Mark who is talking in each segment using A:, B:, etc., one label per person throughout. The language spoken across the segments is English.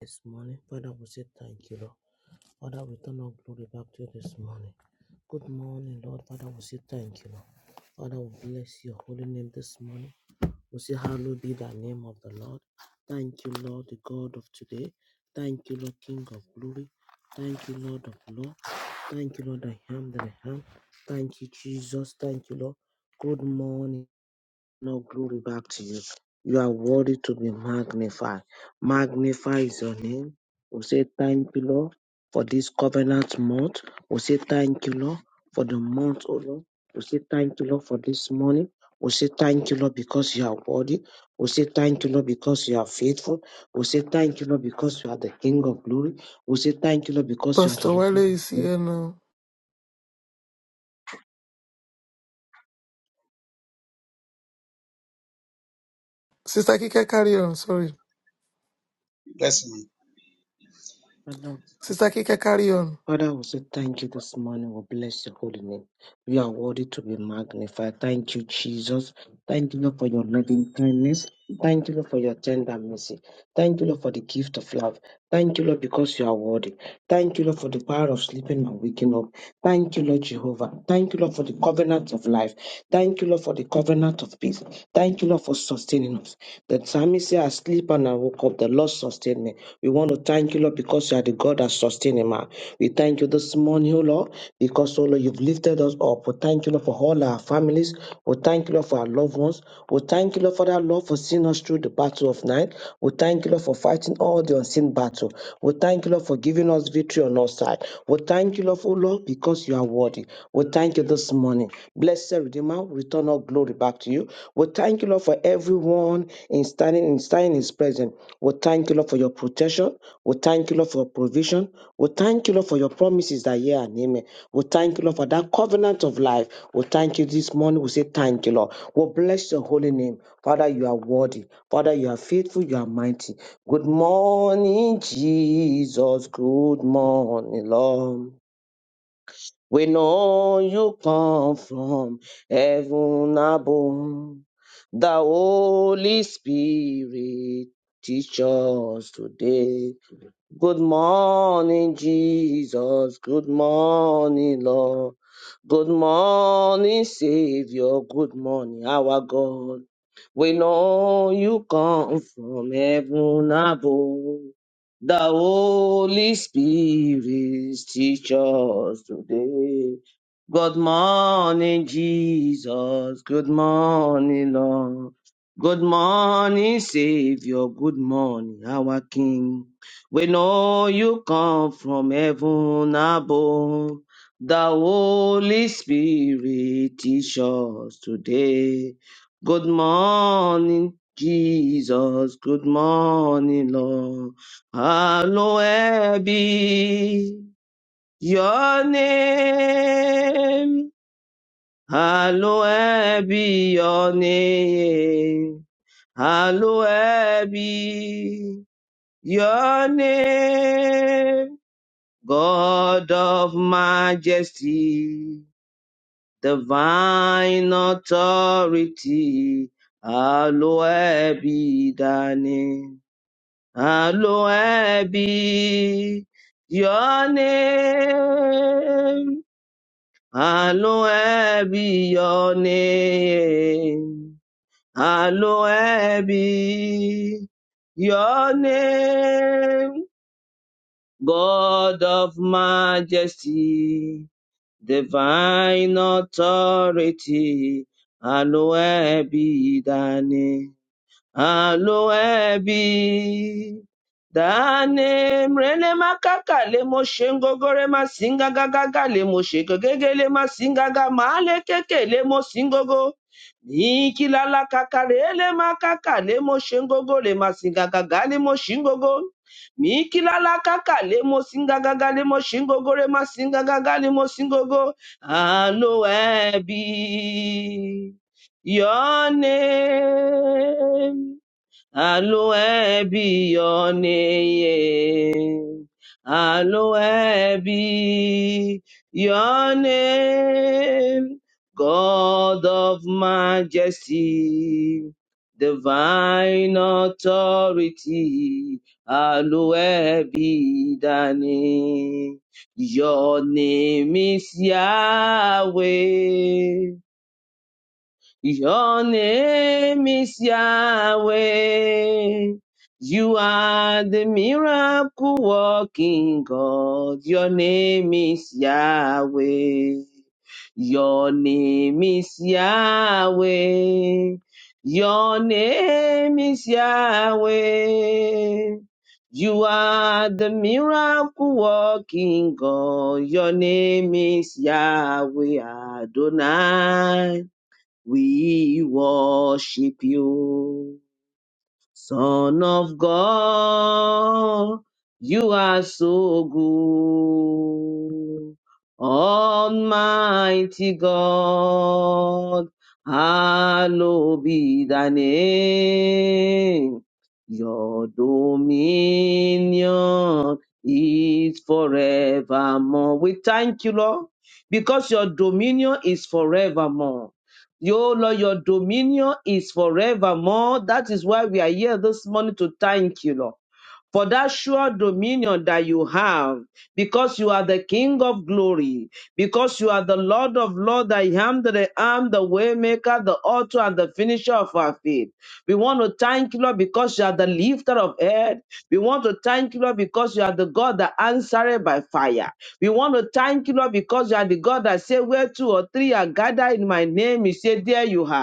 A: this morning. Father, we say thank you, Lord. Father, we turn our glory back to you this morning. Good morning, Lord. Father, we say thank you, Lord. Father, we bless your holy name this morning. We say, Hallowed be the name of the Lord. Thank you, Lord, the God of today. Thank you, Lord, King of glory. Thank you, Lord of Lord. Thank you, Lord, I am that I am. Thank you, Jesus. Thank you, Lord. Good morning. No glory back to you. You are worthy to be magnified. Magnify is your name. We say thank you, Lord, for this covenant month. We say thank you, Lord, for the month, oh Lord. We say thank you, Lord, for this morning. We say thank you, Lord, because you are worthy. We say thank you, Lord, because you are faithful. We say thank you, Lord, because you are the King of glory. We say thank you, Lord, because you are
B: Pastor
A: the
B: Wale is
A: Lord.
B: here now. Sister Kika, carry on. Sorry.
C: Bless me.
A: of glory.
B: Sister Kika, carry on.
A: Father, we say thank you this morning. We bless your holy name. You are worthy to be magnified. Thank you, Jesus. Thank you, Lord, for your loving kindness. Thank you, Lord, for your tender mercy. Thank you, Lord, for the gift of love. Thank you, Lord, because you are worthy. Thank you, Lord, for the power of sleeping and waking up. Thank you, Lord Jehovah. Thank you, Lord, for the covenant of life. Thank you, Lord, for the covenant of peace. Thank you, Lord, for sustaining us. The psalmist said, I sleep and I woke up. The Lord sustained me. We want to thank you, Lord, because you are the God that sustains him. We thank you this morning, O Lord, because, O Lord, you've lifted us up. We thank you, Lord, for all our families. We thank you, Lord, for our loved ones. We thank you, Lord, Lord, for that love for seeing us through the battle of night. We thank you, Lord, for fighting all the unseen battle. We thank you, Lord, for giving us victory on our side. We thank you, Lord, oh Lord, because you are worthy. We thank you this morning. Blessed Redeemer, we return all glory back to you. We thank you, Lord, for everyone in standing in standing in his presence. We thank you, Lord, for your protection. We thank you, Lord, for your provision. We thank you, Lord, for your promises that yeah and amen. We thank you, Lord, for that covenant of life. We thank you this morning. We say thank you, Lord. We bless your holy name. Father, you are worthy. Father, you are faithful. You are mighty. Good morning, Jesus. Good morning, Lord. We know you come from heaven above. The Holy Spirit teach us today. Good morning, Jesus. Good morning, Lord. Good morning, Savior. Good morning, our God. We know you come from heaven above. The Holy Spirit teach us today. Good morning, Jesus. Good morning, Lord. Good morning, Savior. Good morning, our King. We know you come from heaven above. The Holy Spirit teach us today. Good morning, Jesus. Good morning, Lord. Hallowed be your name. Hallowed be your name. Hallowed be your name. God of majesty, divine authority, hallowed be thy name. Hallowed be your name. Hallowed be your name. Hallowed be your name. God of majesty divine authority, Aloe be thy name. Aloe be Dane mrele makaka le moshe ngogore masinga gagaga le moshe gogege le masinga gamale keke le mosingogo. Niki lala kakarele makaka le moshe ngogo le masinga gaga le moshingogo. Miki lala kaka le mosinga gaga le moshingogo le masinga gaga le mosingogo. Aloe be your name Hallowed be your name. Hallowed be your name. God of majesty, divine authority. Hallowed be thy name. Your name is Yahweh. Your name is Yahweh. You are the miracle working God. Your name is Yahweh. Your name is Yahweh. Your name is Yahweh. You are the miracle working God. Your name is Yahweh Adonai. We worship you, Son of God. You are so good, Almighty God. Hallowed be thy name. Your dominion is forevermore. We thank you, Lord, because your dominion is forevermore. Your Lord, your dominion is forevermore. That is why we are here this morning to thank you, Lord for that sure dominion that you have, because you are the King of glory, because you are the Lord of Lord, I am that I am, the waymaker, the author, and the finisher of our faith. We want to thank you, Lord, because you are the lifter of head. We want to thank you, Lord, because you are the God that answered by fire. We want to thank you, Lord, because you are the God that said, Where two or three are gathered in my name, He said, There you are.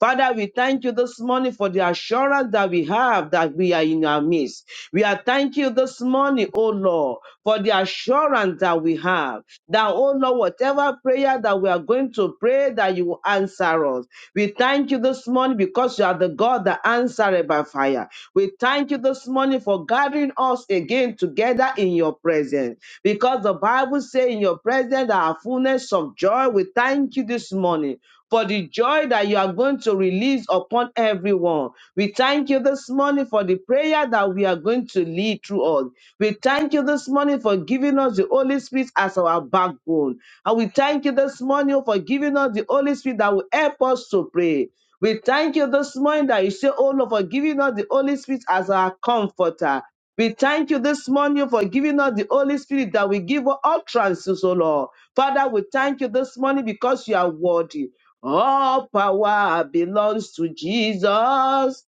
A: Father, we thank you this morning for the assurance that we have that we are in our midst. We are thank you this morning, oh Lord, for the assurance that we have that, oh Lord, whatever prayer that we are going to pray, that you will answer us. We thank you this morning because you are the God that answered by fire. We thank you this morning for gathering us again together in your presence because the Bible says in your presence there are fullness of joy. We thank you this morning for the joy that you are going to release upon everyone. We thank you this morning for the prayer that we are going to lead through us. We thank you this morning for giving us the Holy Spirit as our backbone. And we thank you this morning for giving us the Holy Spirit that will help us to pray. We thank you this morning that you say, Oh Lord, for giving us the Holy Spirit as our comforter. We thank you this morning for giving us the Holy Spirit that we give us utterances, O Lord. Father, we thank you this morning because you are worthy. All power belongs to Jesus.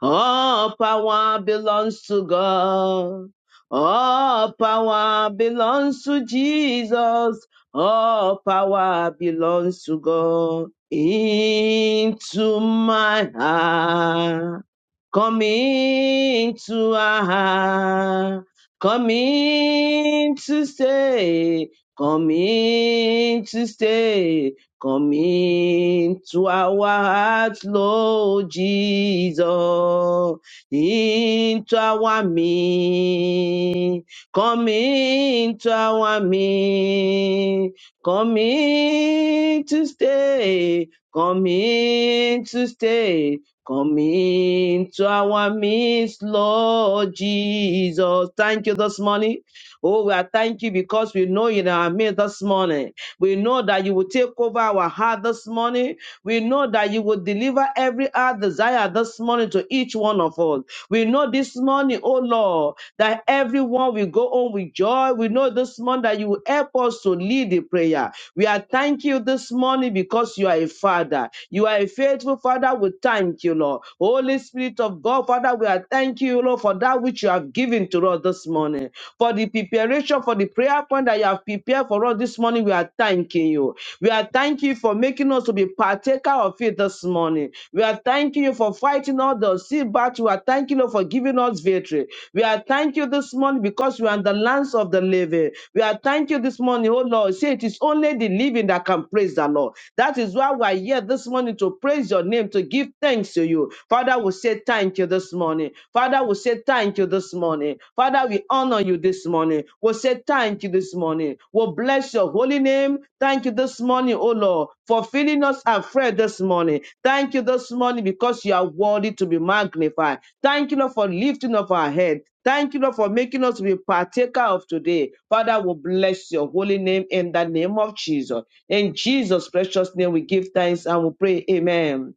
A: All power belongs to God. All power belongs to Jesus. All power belongs to God. Into my heart. Come into our heart. Come in to stay. Come in to stay. Come into our hearts, Lord Jesus, into our midst. Come into our midst. Come in to stay. Come in to stay. Come into our midst, Lord Jesus. Thank you this morning. Oh, we are thank you because we know you in our midst this morning. We know that you will take over our heart this morning. We know that you will deliver every heart desire this morning to each one of us. We know this morning, oh Lord, that everyone will go home with joy. We know this morning that you will help us to lead the prayer. We are thank you this morning because you are a father. You are a faithful father. We thank you, Lord. Holy Spirit of God, Father, we are thank you, Lord, for that which you have given to us this morning for the preparation for the prayer point that you have prepared for us this morning. We are thanking you. We are thanking you for making us to be partaker of it this morning. We are thanking you for fighting all the sea battle. We are thanking you for giving us victory. We are thanking you this morning because we are in the lands of the living. We are thanking you this morning, oh Lord. Say it is only the living that can praise the Lord. That is why we're here this morning to praise your name, to give thanks to you. Father, we say thank you this morning. Father, we say thank you this morning. Father, we honor you this morning. We say thank you this morning. We bless your holy name. Thank you this morning, oh Lord, for filling us afresh this morning. Thank you this morning because you are worthy to be magnified. Thank you, Lord, for lifting up our head. Thank you, Lord, for making us be partaker of today. Father, we bless your holy name in the name of Jesus. In Jesus' precious name, we give thanks and we pray. Amen.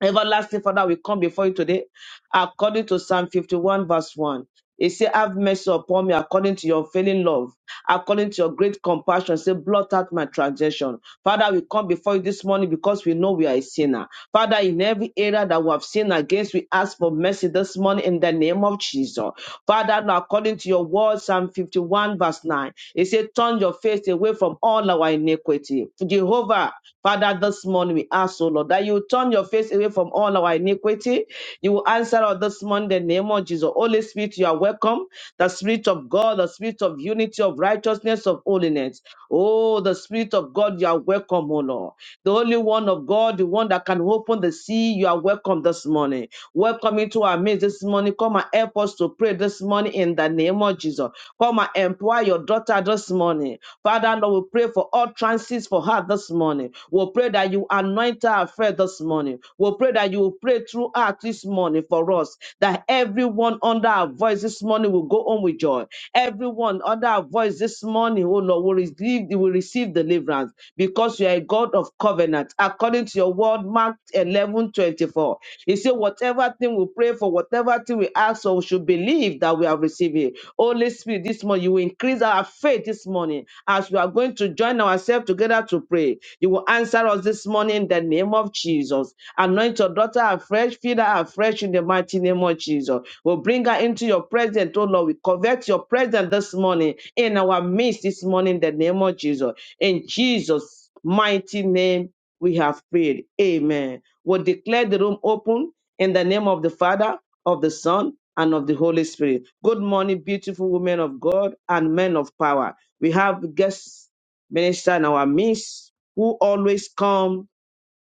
A: Everlasting Father, we come before you today according to Psalm 51, verse 1. He said, Have mercy upon me according to your unfailing love, according to your great compassion. Say, blot out my transgression. Father, we come before you this morning because we know we are a sinner. Father, in every area that we have sinned against, we ask for mercy this morning in the name of Jesus. Father, now according to your word, Psalm 51, verse 9, it said, Turn your face away from all our iniquity. Jehovah, Father, this morning we ask, O Lord, that you turn your face away from all our iniquity. You will answer us this morning in the name of Jesus. Holy Spirit, you are welcome. The Spirit of God, the Spirit of unity, of righteousness, of holiness. Oh, the Spirit of God, you are welcome, O Lord. The only one of God, the one that can open the sea, you are welcome this morning. Welcome into our midst this morning. Come and help us to pray this morning in the name of Jesus. Come and empower your daughter this morning. Father, Lord, we pray for all trances for her this morning. We'll pray that you anoint her afresh this morning. We'll pray that you will pray through her this morning for us, that everyone under our voice this morning will go home with joy. Everyone under our voice this morning, oh Lord, will receive, will receive deliverance because you are a God of covenant. According to your word, Mark 11 24. He said, whatever thing we pray for, whatever thing we ask, so we should believe that we have received it Holy Spirit, this morning, you will increase our faith this morning as we are going to join ourselves together to pray. You will answer us this morning in the name of Jesus. Anoint your daughter afresh, feed her afresh in the mighty name of Jesus. We'll bring her into your presence, oh Lord. We covet your presence this morning in our midst this morning in the name of Jesus. In Jesus' mighty name, we have prayed. Amen. We'll declare the room open in the name of the Father, of the Son, and of the Holy Spirit. Good morning, beautiful women of God and men of power. We have guest minister in our midst who always come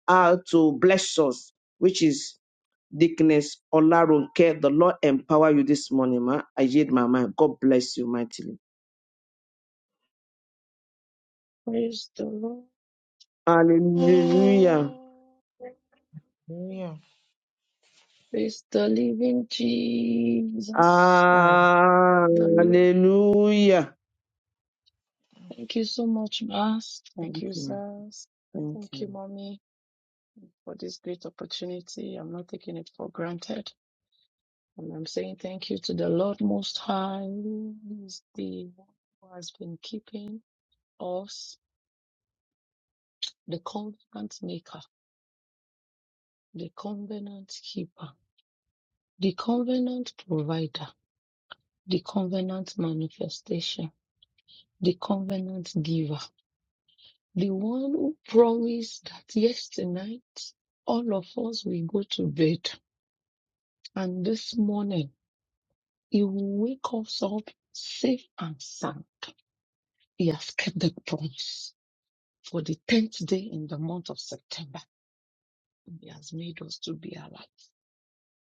A: out to bless us, which is Dickness Olaronke. The Lord empower you this morning, ma. I yield my mind. God bless you mightily.
D: Praise the Lord.
A: Hallelujah.
E: Hallelujah.
D: Praise the living Jesus.
E: And
D: The Lord.
A: Hallelujah.
D: Thank you so much, Mas. Thank
A: Thank
D: you,
A: you.
D: sirs.
A: Thank
D: Thank you,
A: you.
D: Mommy, for this great opportunity. I'm not taking it for granted. And I'm saying thank you to the Lord Most High, who is the one who has been keeping us, the covenant maker, the covenant keeper, the covenant provider the covenant manifestation, the covenant giver, the one who promised that yesternight all of us will go to bed and this morning he will wake us up safe and sound. He has kept the promise for the 10th day in the month of September. He has made us to be alive.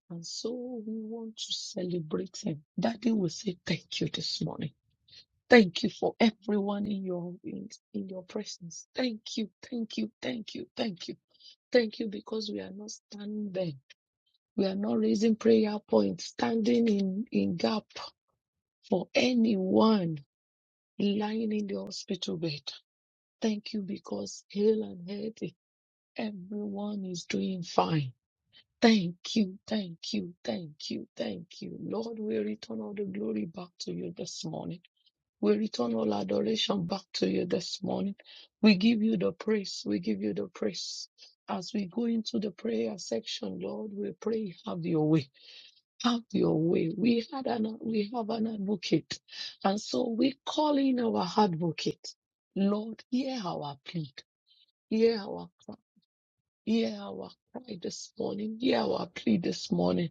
D: And so we want to celebrate him. Daddy will say thank you this morning. Thank you for everyone in your in, in your presence. Thank you, thank you, thank you, thank you. Thank you because we are not standing. there. We are not raising prayer points, standing in, in gap for anyone lying in the hospital bed. Thank you because heal and healthy. Everyone is doing fine. Thank you, thank you, thank you, thank you. Lord, we return all the glory back to you this morning. We return all adoration back to you this morning. We give you the praise. We give you the praise. As we go into the prayer section, Lord, we pray, have your way. Have your way. We had an we have an advocate. And so we call in our advocate. Lord, hear our plea. Hear our cry. Hear our cry this morning. Hear our plea this morning.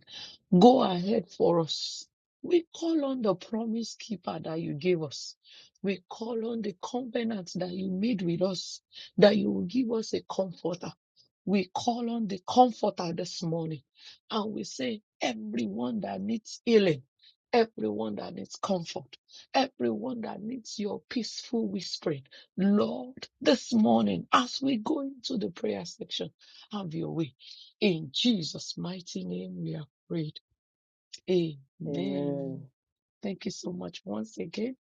D: Go ahead for us. We call on the promise keeper that you gave us. We call on the covenant that you made with us, that you will give us a comforter. We call on the comforter this morning and we say, everyone that needs healing, everyone that needs comfort, everyone that needs your peaceful whispering, Lord, this morning, as we go into the prayer section, have your way. In Jesus' mighty name, we are prayed.
A: Amen.
D: Amen. Thank you so much once again.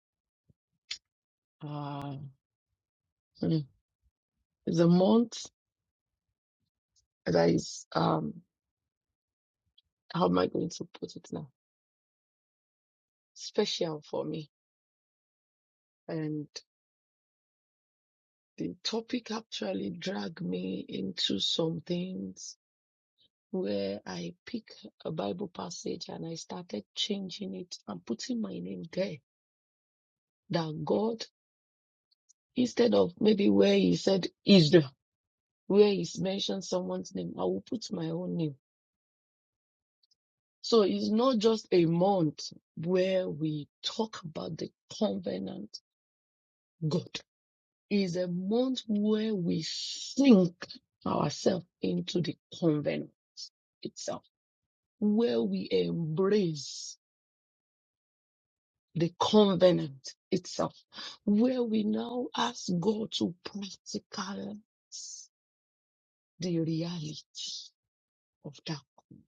D: Uh, the month that is, um, how am I going to put it now? Special for me. And the topic actually dragged me into some things where I pick a Bible passage and I started changing it and putting my name there. That God, instead of maybe where he said Israel, where he's mentioned someone's name, I will put my own name So it's not just a month where we talk about the covenant God. It's a month where we sink ourselves into the covenant itself, where we embrace the covenant itself, where we now ask God to practicalize the reality of that. covenant.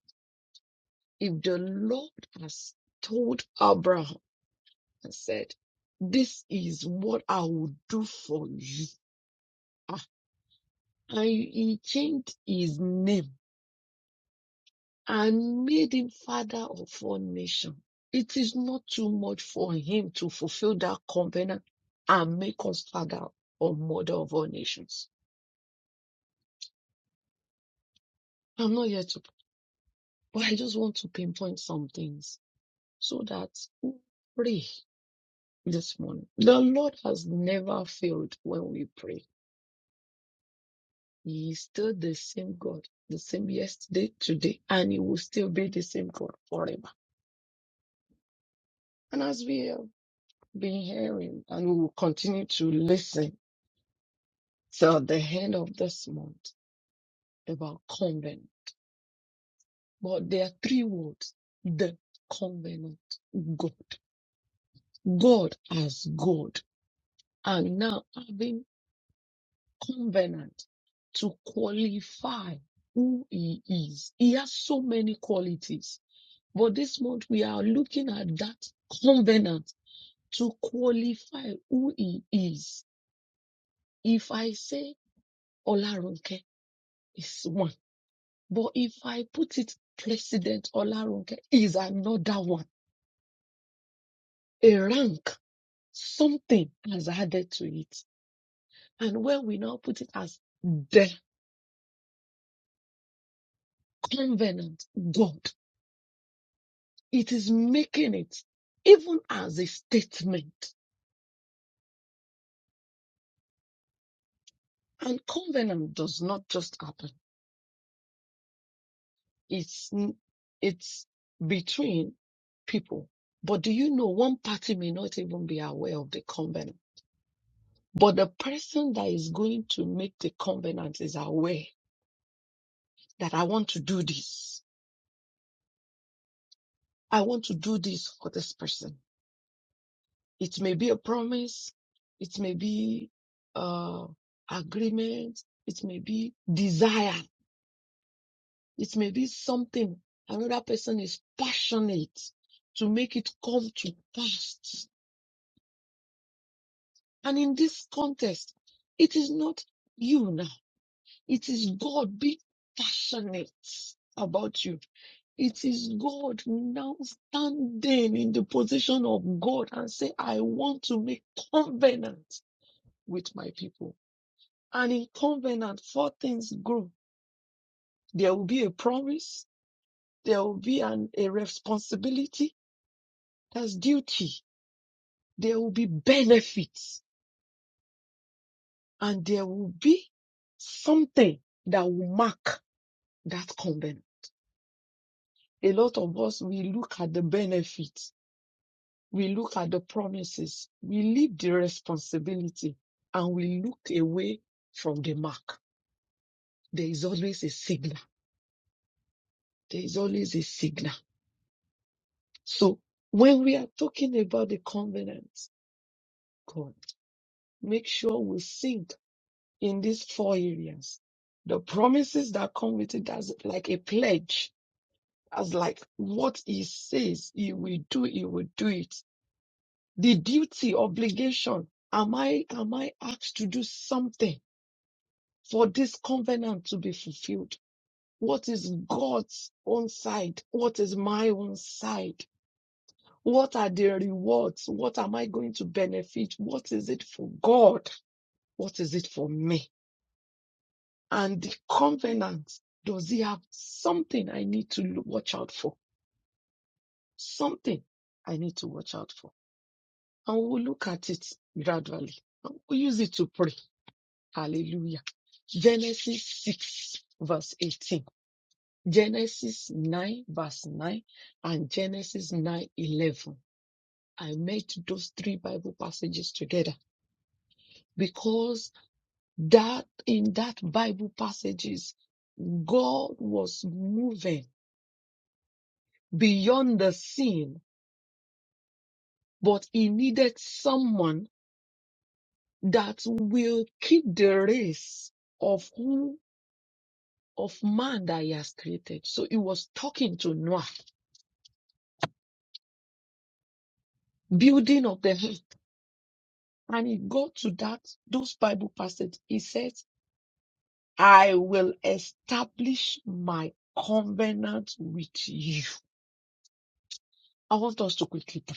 D: If the Lord has told Abraham, and said, This is what I will do for you. Ah, And he changed his name and made him father of all nations. It is not too much for him to fulfill that covenant and make us father or mother of all nations. I'm not here to, but I just want to pinpoint some things so that we pray this morning. The Lord has never failed when we pray. He is still the same God, the same yesterday, today, and He will still be the same God forever. And as we have been hearing, and we will continue to listen till the end of this month about covenant. But there are three words: the covenant, God, God as God, and now having covenant to qualify who He is. He has so many qualities But this month we are looking at that covenant to qualify who he is. If I say Olaronke is one, but if I put it President Olaronke is another one, a rank, something has added to it. And when we now put it as the covenant God, it is making it even as a statement. And covenant does not just happen. It's n- it's between people. But do you know one party may not even be aware of the covenant? But the person that is going to make the covenant is aware that I want to do this. I want to do this for this person. It may be a promise. It may be uh, agreement. It may be desire. It may be something another person is passionate to make it come to pass And in this contest, it is not you now. It is God being passionate about you. It is God now standing in the position of God and say, I want to make covenant with my people. And in covenant, four things grow. There will be a promise. There will be an, a responsibility. That's duty. There will be benefits and there will be something that will mark that covenant. A lot of us, we look at the benefits, we look at the promises, we leave the responsibility, and we look away from the mark. There is always a signal. There is always a signal. So when we are talking about the covenant, God, make sure we think in these four areas. The promises that come with it, that's like a pledge. as like what he says he will do, he will do it the duty, obligation. Am I, am I asked to do something for this covenant to be fulfilled? What is God's own side? What is my own side? What are the rewards? What am I going to benefit? What is it for God? What is it for me? And the covenant, does he have something I need to watch out for? Something I need to watch out for. And we'll look at it gradually. And we'll use it to pray Hallelujah. Genesis 6, verse 18, Genesis 9, verse 9, and Genesis 9 11. I met those three Bible passages together because that in that Bible passages, God was moving beyond the scene, but he needed someone that will keep the race of who of man that he has created. So he was talking to Noah building of the house. And it go to that, those Bible passage. He says, I will establish my covenant with you. I want us to quickly pray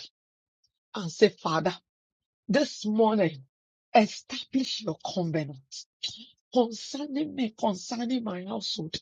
D: and say, Father, this morning, establish your covenant concerning me, concerning my household.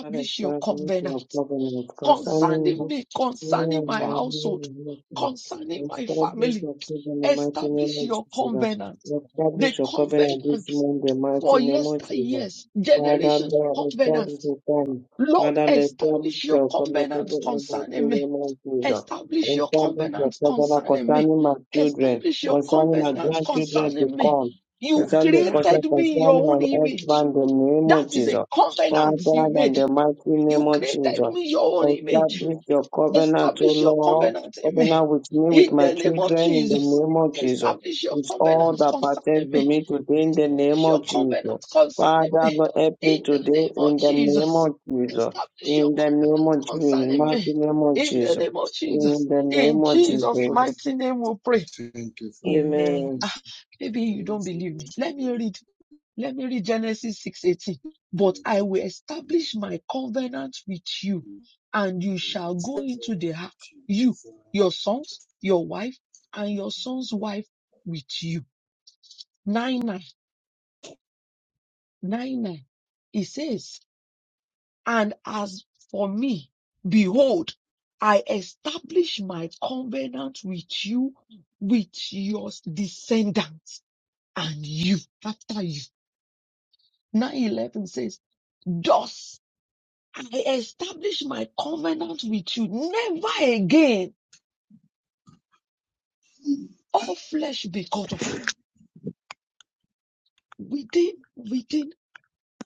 A: Father
D: your
A: God, make
D: covenant
A: your covenant concerning
D: concerning me,
A: me
D: concerning
A: and
D: my
A: my
D: household,
A: husband.
D: concerning my
A: Establish
D: family.
A: your covenant, in the mighty name
D: Establish
A: of
D: your
A: Jesus.
D: covenant.
A: Establish
D: The
A: your covenant this
D: covenant
A: month, the mighty
D: for
A: name of
D: yester
A: Jesus.
D: years,
A: Father
D: generation
A: God,
D: covenant.
A: establish your covenant.
D: Lord,
A: Father, Lord, establish
D: establish your
A: your covenant, in
D: covenant
A: the mighty
D: concerning me.
A: name of Jesus.
D: Establish your
A: Establish your
D: covenant
A: covenant
D: concerning me.
A: concerning my children,
D: Establish your
A: concerning my
D: covenant
A: grandchildren to
D: concerning me.
A: come.
D: You
A: Establish your
D: created
A: covenant
D: me in
A: concerning
D: your own
A: my
D: image.
A: husband, in the name
D: That
A: of
D: is
A: Jesus.
D: a
A: Father,
D: covenant you
A: in
D: made.
A: the mighty
D: You
A: name of
D: created
A: Jesus,
D: me in your own image.
A: establish your covenant, O
D: Establish your
A: Lord,
D: covenant in me.
A: covenant with me, with
D: In
A: my
D: the name of
A: children, in the
D: Jesus,
A: name of Jesus.
D: establish your
A: With all
D: covenant
A: that pertains
D: concerning
A: to
D: me
A: me today, in the name
D: Establish your
A: of
D: covenant
A: Jesus.
D: concerning
A: Father,
D: me.
A: Lord, help me
D: In the
A: today,
D: name of
A: in the name
D: Jesus.
A: of Jesus.
D: Establish your
A: In the name
D: covenant
A: of Jesus, in the
D: concerning
A: mighty
D: me.
A: name of
D: In the
A: Jesus.
D: name of
A: In
D: Jesus.
A: the
D: In
A: name of
D: Jesus'
A: Jesus.
D: mighty name we pray.
C: Thank you for your
E: Amen. Amen.
A: Amen.
D: Ah,
C: attention
D: maybe you
C: today.
D: don't
C: So
D: believe me.
C: much of
D: Let me read. Let me read Genesis 6:18. But
C: your
D: I
C: God.
D: will establish my covenant with you, and you shall go into the ark, you,
C: So
D: your sons, your wife, and your son's wife with you. Nine nine nine nine. It says And as for me, behold, I establish my covenant with you, with your descendants and you after you. 911 says, Thus I establish my covenant with you. Never again all flesh be cut off. Within, within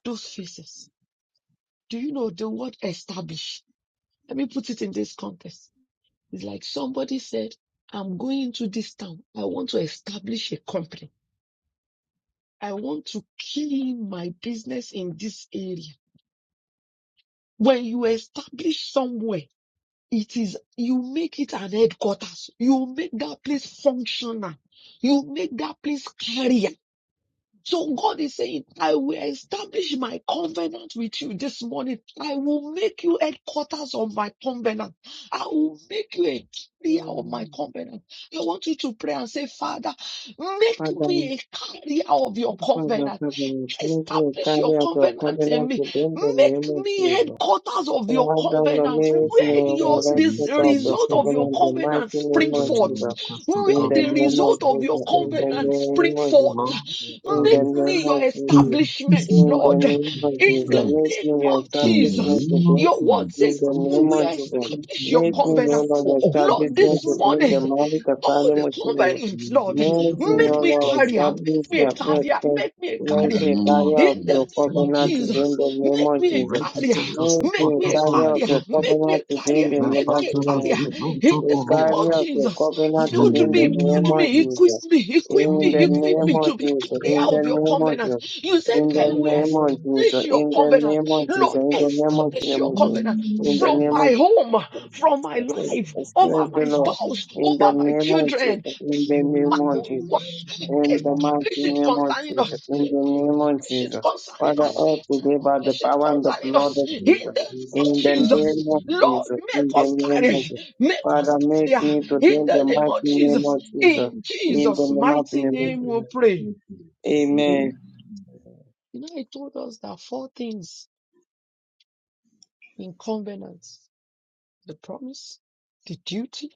D: those faces. Do you know the word establish? Let me put it in this context It's like somebody said, I'm going to this town. I want to establish a company. I want to kill my business in this area. When you establish somewhere, it is, you make it an headquarters. You make that place functional. You make that place carrier. So God is saying, I will establish my covenant with you this morning. I will make you headquarters of my covenant. I will make you a carrier of
A: Amen.
D: my covenant. I want you to pray and say, Father, make
A: Father,
D: me a carrier of your
A: Father,
D: covenant.
A: Father, make me
D: Establish your
A: carry out your
D: covenant in
A: covenant
D: me.
A: today, in the
D: Make
A: name of
D: me
A: Jesus.
D: headquarters of your
A: God done a
D: covenant.
C: thank you for
A: miracle
C: this
D: Where
C: little
D: your
C: place
A: and I
C: you
D: this
C: use
A: put
C: to the
A: out the
C: last
D: result
C: two
D: of
C: for.
D: your
A: covenant in the mighty
D: covenant
C: I
A: name
D: spring
A: of
C: pray my
D: forth.
A: Jesus.
C: request of
D: Where
A: In
C: God,
A: the
D: the
C: Lord, is
A: name
C: the
A: of
D: result of
C: Father,
D: your
A: Jesus,
C: you
A: in the
C: need me.
D: covenant
A: name
D: spring
A: of Jesus
D: forth
C: Lord, I
A: in the
C: pray
D: Make
A: name
D: me your
A: of
C: in
A: Jesus.
C: a
D: establishment,
C: different
A: In the
D: Lord.
C: kind of
A: name
C: your
A: of
D: In
A: Jesus,
D: the
C: covenant.
D: name
A: make me
D: of
C: In the
A: establishment
D: Jesus,
A: to
C: name of
A: go.
D: your word
A: In
C: Jesus.
D: says,
A: the
D: I
C: Thank you,
A: name of
D: will
C: Father.
A: Jesus,
C: Thank
D: establish
C: you,
D: your
A: make me all
C: Jesus.
D: covenant.
A: of the
C: you
D: Lord,
A: establishment
D: this
A: to
C: because you
A: bring the
D: morning,
C: are
A: money to
D: all
A: family
D: the
A: material.
C: You
D: covenants,
C: will
D: Lord,
C: be there
A: Make
C: for
A: me
D: make
C: me
A: all
D: me
C: all
A: of
C: the
D: carrier,
C: days
A: establish
D: make me
C: of
D: a
A: the
C: your life.
D: carrier,
A: appointment.
D: make me a
C: In the
A: Make
D: carrier.
A: me a
C: name of
A: carrier of
D: In the
A: your
C: Jesus.
D: name
C: Thank
D: of
C: you,
A: covenant today in
C: Father.
A: the
D: Jesus, make
A: name of
D: me a
A: Jesus.
C: Kureki
D: carrier,
C: ketos
A: Make
D: make
A: me a
D: me a
C: epotopo
A: carrier of
D: carrier,
A: your
C: lekete.
D: make me
A: covenant
D: a
A: today in
D: carrier,
A: the
D: make
A: name of
D: me a
C: Tapataba
D: carrier.
A: Jesus.
C: zizonto
D: In
A: A
D: the name of
C: koroboto.
A: carrier of your
D: Jesus.
A: covenant
C: In
D: Build
A: today
C: the
A: in the
D: me,
C: name
D: build
A: name
C: of
A: of
D: me,
A: Jesus.
D: equip
C: Jesus.
D: me, equip
A: In
C: Lord,
A: the
D: me,
C: make
D: equip
A: name
D: me
C: every
A: of
D: to be
A: Jesus,
D: clear
A: in the
D: of your
A: name of
D: covenant.
A: Jesus,
D: You said,
C: seed
A: in the
D: I
C: of
D: will
A: name of
C: covenant
D: establish
A: Jesus,
D: your
A: in
C: appear.
A: the
D: covenant.
A: name of Jesus,
D: Lord,
A: in the name of
C: In
D: establish your
C: the
A: Jesus,
D: covenant
C: name
A: in
C: of
A: the
D: from
A: name
C: Jesus.
D: my
A: of
D: home,
A: Jesus
D: from my
C: I
A: praise,
D: life,
C: stand
A: experience
D: over
C: before
A: the
D: my
A: Lord
D: spouse,
C: covenant.
A: in the
D: over my
A: name of
D: children.
A: Jesus, in the
C: There is
D: My,
A: name
C: a
A: of Jesus,
C: declaration.
A: in the mighty
D: establish it
A: name of
D: concerning us.
A: Jesus, in the name of
D: This shit
A: Jesus.
D: concerning
A: Father,
D: us.
A: all today by the
D: This shit
A: power and the
D: concerning
A: blood
D: us.
A: of
D: In
C: There
D: the
A: Jesus,
C: is
D: name
C: a
D: of
A: in the name
D: Jesus.
A: of
C: standing.
D: Lord,
A: Jesus,
D: make
A: in the
D: us
A: name
D: carry.
A: of
C: Thank
A: Jesus.
D: Make us
A: Father, make
D: carry. her.
A: me to
D: In
A: drink the
D: the name
A: mighty
D: of
A: name
D: Jesus.
A: of Jesus,
D: In
A: in
D: Jesus'
A: the mighty
D: mighty
A: name of
D: name we
A: Jesus.
C: you.
D: pray.
C: Thank you.
E: give
A: Amen.
C: Amen.
D: You know, he told us that four things in covenants. The promise, the duty,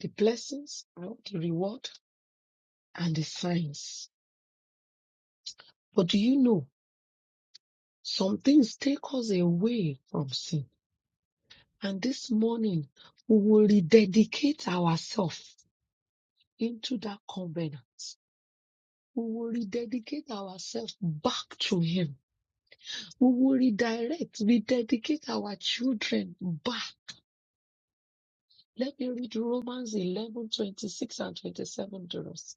D: the blessings, and the reward, and the signs. But do you know some things take us away from sin? And this morning, we will rededicate ourselves into that covenant. We will rededicate ourselves back to Him. We will redirect, rededicate our children back. Let me read Romans 11 26 and 27 to us.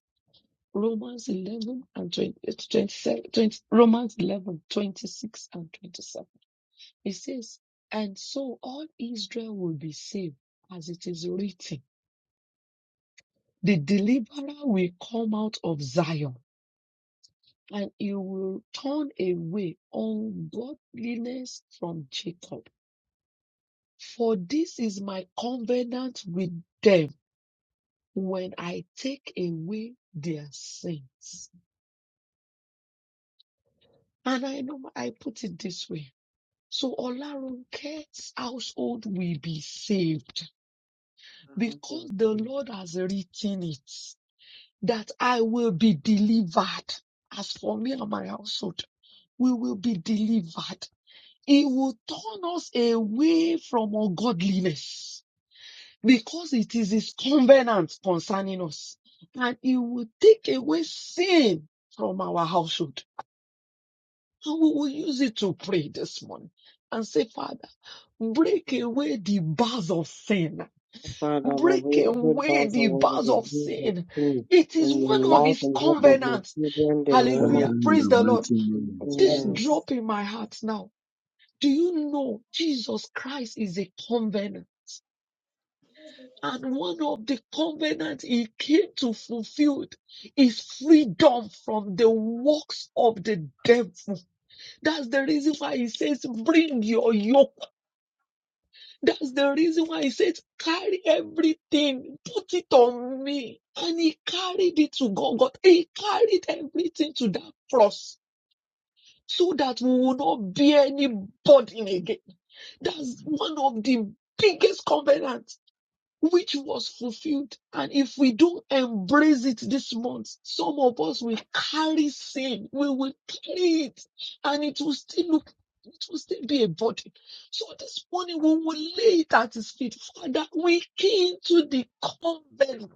D: Romans 11 and 20, 27, twenty, Romans 11 26 and 27. It says, And so all Israel will be saved, as it is written. The deliverer will come out of Zion and he will turn away ungodliness from Jacob. For this is my covenant with them when I take away their sins. And I know I put it this way. So Olaronke's household will be saved because the Lord has written it that I will be delivered. As for me and my household, we will be delivered. He will turn us away from ungodliness because it is his covenant concerning us. And he will take away sin from our household. And we will use it to pray this morning and say, Father, break away the bars of sin.
A: Father, every
D: Break
A: every
D: away
A: bars and
D: the
A: was of
D: bars of
A: Jesus
D: sin.
A: Christ
D: It
A: in
D: is
A: the
D: one of
A: life
D: his
A: and death of
C: In the
A: my
D: covenants.
A: children, in the name
C: Father,
A: of
D: Hallelujah.
C: in
D: Praise
C: the
D: the
A: Jesus.
D: Lord.
C: mighty name of
D: This
E: and
A: Amen.
C: Jesus.
D: drop in my heart now Do you know Jesus Christ is a covenant? And one of the covenants he came to fulfill is freedom from the works of the devil. That's the reason why he says, bring your yoke. That's the reason why he says, carry everything, put it on me. And he carried it to God. He carried everything to that cross so that we will not bear any burden again. That's one of the biggest covenant which was fulfilled. And if we don't embrace it this month, some of us will carry sin. We will carry it and it will still look, it will still be a body. So this morning we will lay it at his feet. Father, we came to the covenant.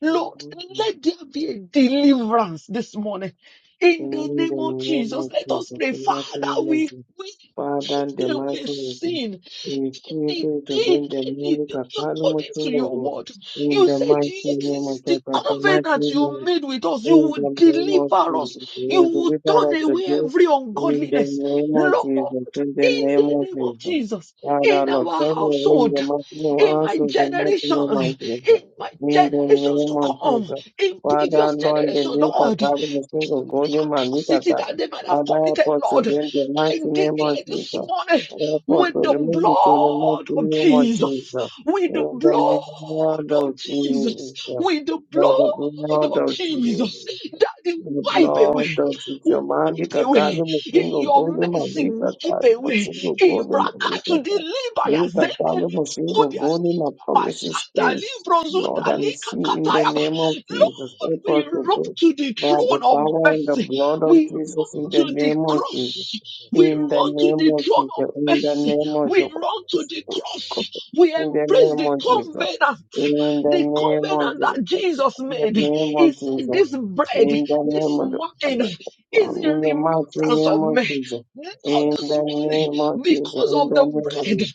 D: Lord,
A: Amen.
D: let there be a deliverance this morning. In the
A: In the
D: name of
A: name
D: Jesus,
A: of
D: let us
A: Jesus,
D: pray.
A: the mighty
D: Father,
A: name of
D: we,
A: Jesus.
D: we
A: Father, the
D: take away
A: mighty name of Jesus.
D: sin
A: We pray
D: anything,
A: to bring the
D: anything,
A: money,
D: according to your
A: Kapalumutungo.
D: word.
A: In
D: You
A: the
D: said
A: mighty
D: it
A: name
D: is
A: of
D: the
A: Jesus, the mighty
D: covenant
A: name of
D: you
A: Jesus.
D: made with us. You
A: In the
D: would
A: name of
D: deliver us.
A: Jesus, you
D: You
A: will
D: would
A: deliver
D: turn
A: us
D: away
A: again.
D: every
A: In the
D: ungodliness.
A: name of
D: Lord,
A: Jesus, in the
D: in
A: name
D: the
A: of
D: name of
A: Jesus.
D: Jesus,
A: Father,
D: in
A: Lord,
D: our
A: Father, in the
D: household,
A: mighty name,
D: in my
A: answer the mighty
D: generation,
A: name of Jesus.
D: in my
A: In the
D: generations
A: name
D: to
A: of
D: come,
A: Jesus.
D: in
A: Father,
D: previous
A: Lord, the
D: generations,
A: Lord,
D: Lord.
A: Father, of
D: Every
A: God, man, the
D: atrocity that they might have
A: Father, help
D: committed,
A: us to
D: Lord,
A: bring the
D: I
A: mighty name
D: declare
A: of
D: this
A: Jesus.
D: morning
A: Help us
D: with
A: to
D: the
A: remove it to the
D: blood
A: mighty
D: of
A: name of
D: Jesus,
A: Jesus.
D: with the
A: In the
D: blood
A: name of
D: of Jesus,
A: Jesus.
D: with the
A: For the
D: blood
A: blood
D: of
A: of Jesus.
D: Jesus, that they
A: Pelo
D: wipe
A: blog
D: away.
A: de
D: Wipe
A: Jamaica,
D: away
A: cara, me
D: in
A: sendo gol
D: your
A: de
D: mercy,
A: Malika,
D: wipe
A: cara, me
D: away
A: sendo gol
D: in
A: de Malika,
D: Brakatu
A: cara.
D: deliver
A: Malika, cara, me sendo gol
D: us.
A: de my promises
D: Basanta
A: team.
D: libro zunda
A: Lord, and we
D: lika
A: see in the
D: kataya.
A: name of Jesus,
D: Lord,
A: help
D: we
A: us to
D: run
A: do
D: to the
A: by the
D: throne of
A: power and the
D: mercy.
A: blood of
D: We run
A: Jesus, in the
D: to the
A: name of Jesus,
D: cross. We
A: in the
D: run to
A: name
D: the
A: of
D: throne of
A: Jesus, in the
D: mercy.
A: name of
D: We run to
A: Jesus,
D: the cross. We
A: in the
D: embrace
A: name
D: the
A: of Jesus,
D: covenant.
A: in the
D: The
A: name of
D: covenant that
A: Jesus,
D: Jesus
A: in the
D: made,
A: name
D: he
A: of
D: said,
A: Jesus.
D: This bread,
A: In the
D: this
A: name of the
D: wine
A: Father, the Son,
D: is in
A: in the mighty
D: remembrance
A: name
D: of
A: of
D: me.
A: Jesus.
D: Lord,
A: In
D: this
A: the
D: morning,
A: name of Jesus.
D: because
A: In
D: of
A: the
D: the
A: name of
D: bread,
A: Jesus.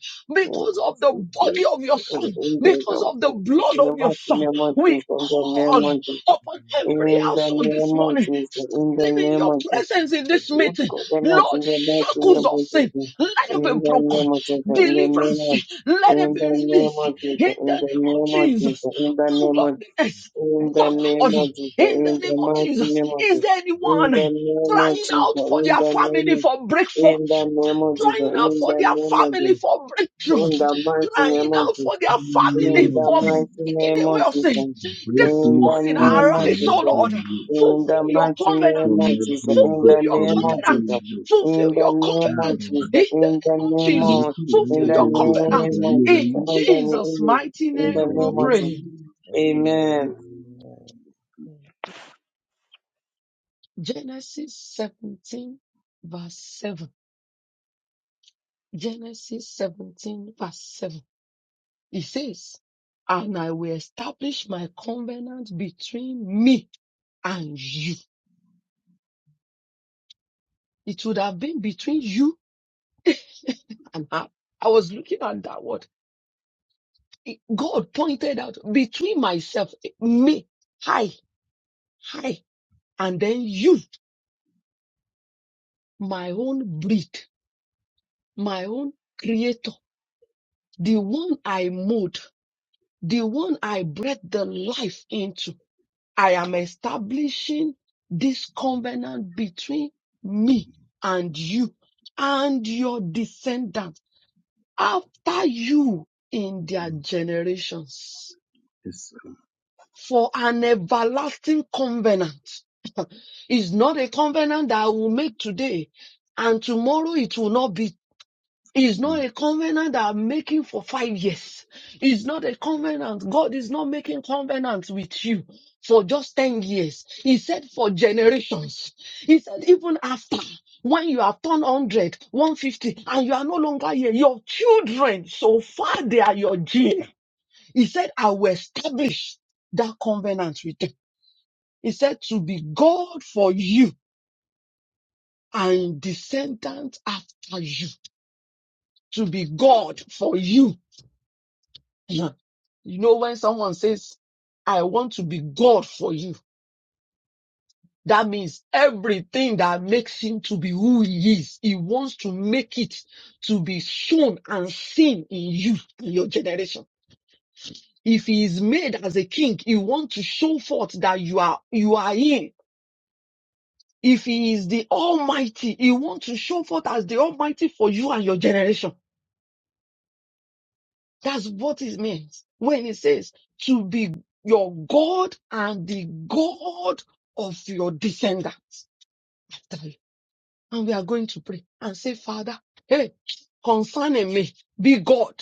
A: Oh,
D: because of
A: Jesus,
D: the
A: we pray.
D: body of your
A: In the
D: son,
A: name
D: because
A: of
D: of the
A: Jesus,
D: blood
A: in
D: of
A: the
D: your
A: mighty
D: son,
A: name of
D: we
A: Jesus. In the name
D: call
A: of Jesus.
D: upon every
A: In the
D: household this
A: name of
D: morning.
A: Jesus. In the
D: Standing in
A: name
D: your
A: of Jesus.
D: presence in this
A: We
D: meeting,
A: covenant in
D: Lord,
A: the mighty
D: shackles
A: name
D: of
A: of
D: sin,
A: Jesus.
D: let it
A: In
D: be
A: the
D: broken.
A: name of Jesus. In the
F: Yes,
A: name
D: Deliverance,
A: of
D: let
F: yes.
D: it
A: in
D: be
A: the name
D: released
A: of
D: in
A: Jesus,
D: the
A: in the
D: name of
A: name of
D: Jesus.
A: Jesus, in the name of Jesus,
D: Ungodliness,
A: in the name
D: Lord,
A: of Jesus,
D: in the
A: in
D: name
A: the
D: of
A: mighty
D: Jesus.
A: name of
D: Is
A: Jesus,
D: there
A: in
D: anyone
A: the name of
D: crying
A: Jesus,
D: out for
A: in
D: their
A: the name,
D: family
A: of
D: for breakthrough?
A: in the name of Jesus,
D: crying out
A: in
D: for
A: the
D: their
A: name of
D: family
A: Jesus,
D: for breakthrough,
A: in the mighty
D: crying
A: name of
D: out for
A: Jesus,
D: their
C: In the
A: in
C: name
D: family
C: of
A: the
D: for
C: Jesus,
A: mighty
D: taking
A: name
D: away
A: of
D: of sin.
A: Jesus,
C: break
D: This
A: in
C: me
A: the
D: morning,
A: name
C: free
A: of
C: from
D: arise, O
A: Jesus,
C: every
D: Lord,
C: yoke,
A: in the
D: fulfill your
A: mighty
D: covenant,
C: from
A: name of Jesus,
C: every
A: in the
D: fulfill
C: yoke,
D: your
C: from
A: name of
C: every
D: covenant,
A: Jesus,
C: yoke.
A: in
D: fulfill
A: the
D: your
A: name
C: Ah,
A: of
D: covenant in
C: Baba,
D: the
A: Jesus, in the
D: name of
A: name
D: Jesus,
A: of,
C: Bariki
A: in
C: wewe
D: fulfill
A: the
D: your
C: Mungu
D: covenant
A: name
C: kwa
A: of
C: hila
A: Jesus,
D: in
C: hii.
A: in the
D: Jesus'
A: name,
D: mighty
A: in
C: In
A: the
D: name.
C: the
D: We
A: name of Jesus,
D: pray.
C: name of Jesus.
A: Amen.
D: Genesis 17, verse 7. Genesis 17, verse 7. He says, and I will establish my covenant between me and you. It would have been between you and her. I was looking at that word. It- God pointed out between myself, me, I, I, and then you, my own breed, my own creator, the one I mold, the one I breathed the life into. I am establishing this covenant between me and you and your descendants after you in their generations
C: Yes,
D: for an everlasting covenant. It's not a covenant that I will make today and tomorrow it will not be it's not a covenant that I'm making for five years. It's not a covenant. God is not making covenants with you for just 10 years. He said for generations. He said even after, when you have turned 100, 150, and you are no longer here, your children, so far they are your gene. He said, I will establish that covenant with them. He said to be God for you and descendants after you. To be God for you You know, when someone says, I want to be God for you, that means everything that makes him to be who he is, he wants to make it to be shown and seen in you, in your generation. If he is made as a king, he wants to show forth that you are, you are him. If he is the Almighty, he wants to show forth as the Almighty for you and your generation. That's what it means when it says to be your God and the God of your descendants. Tell And we are going to pray and say, Father, hey, concerning me, be God,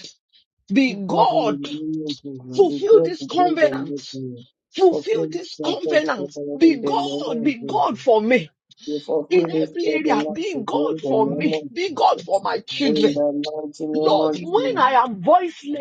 A: We
D: be
A: God in the
D: God,
A: name of Jesus. We
D: fulfill
A: God
D: this
A: to bring the
D: covenant,
A: mercy.
D: fulfill
A: Fulfill this
D: this
A: purpose
D: covenant,
A: Father,
D: be
A: in the name
D: God,
A: of
D: be God
A: Jesus.
D: for me.
A: We
D: In
A: fulfill this
D: every area,
A: covenant
D: be
A: to
D: God
A: bring the
D: for
A: name
D: me,
A: of
D: be God
A: Jesus.
D: for my children.
A: In the mighty name
D: Lord,
A: of
D: when I
A: Jesus.
D: am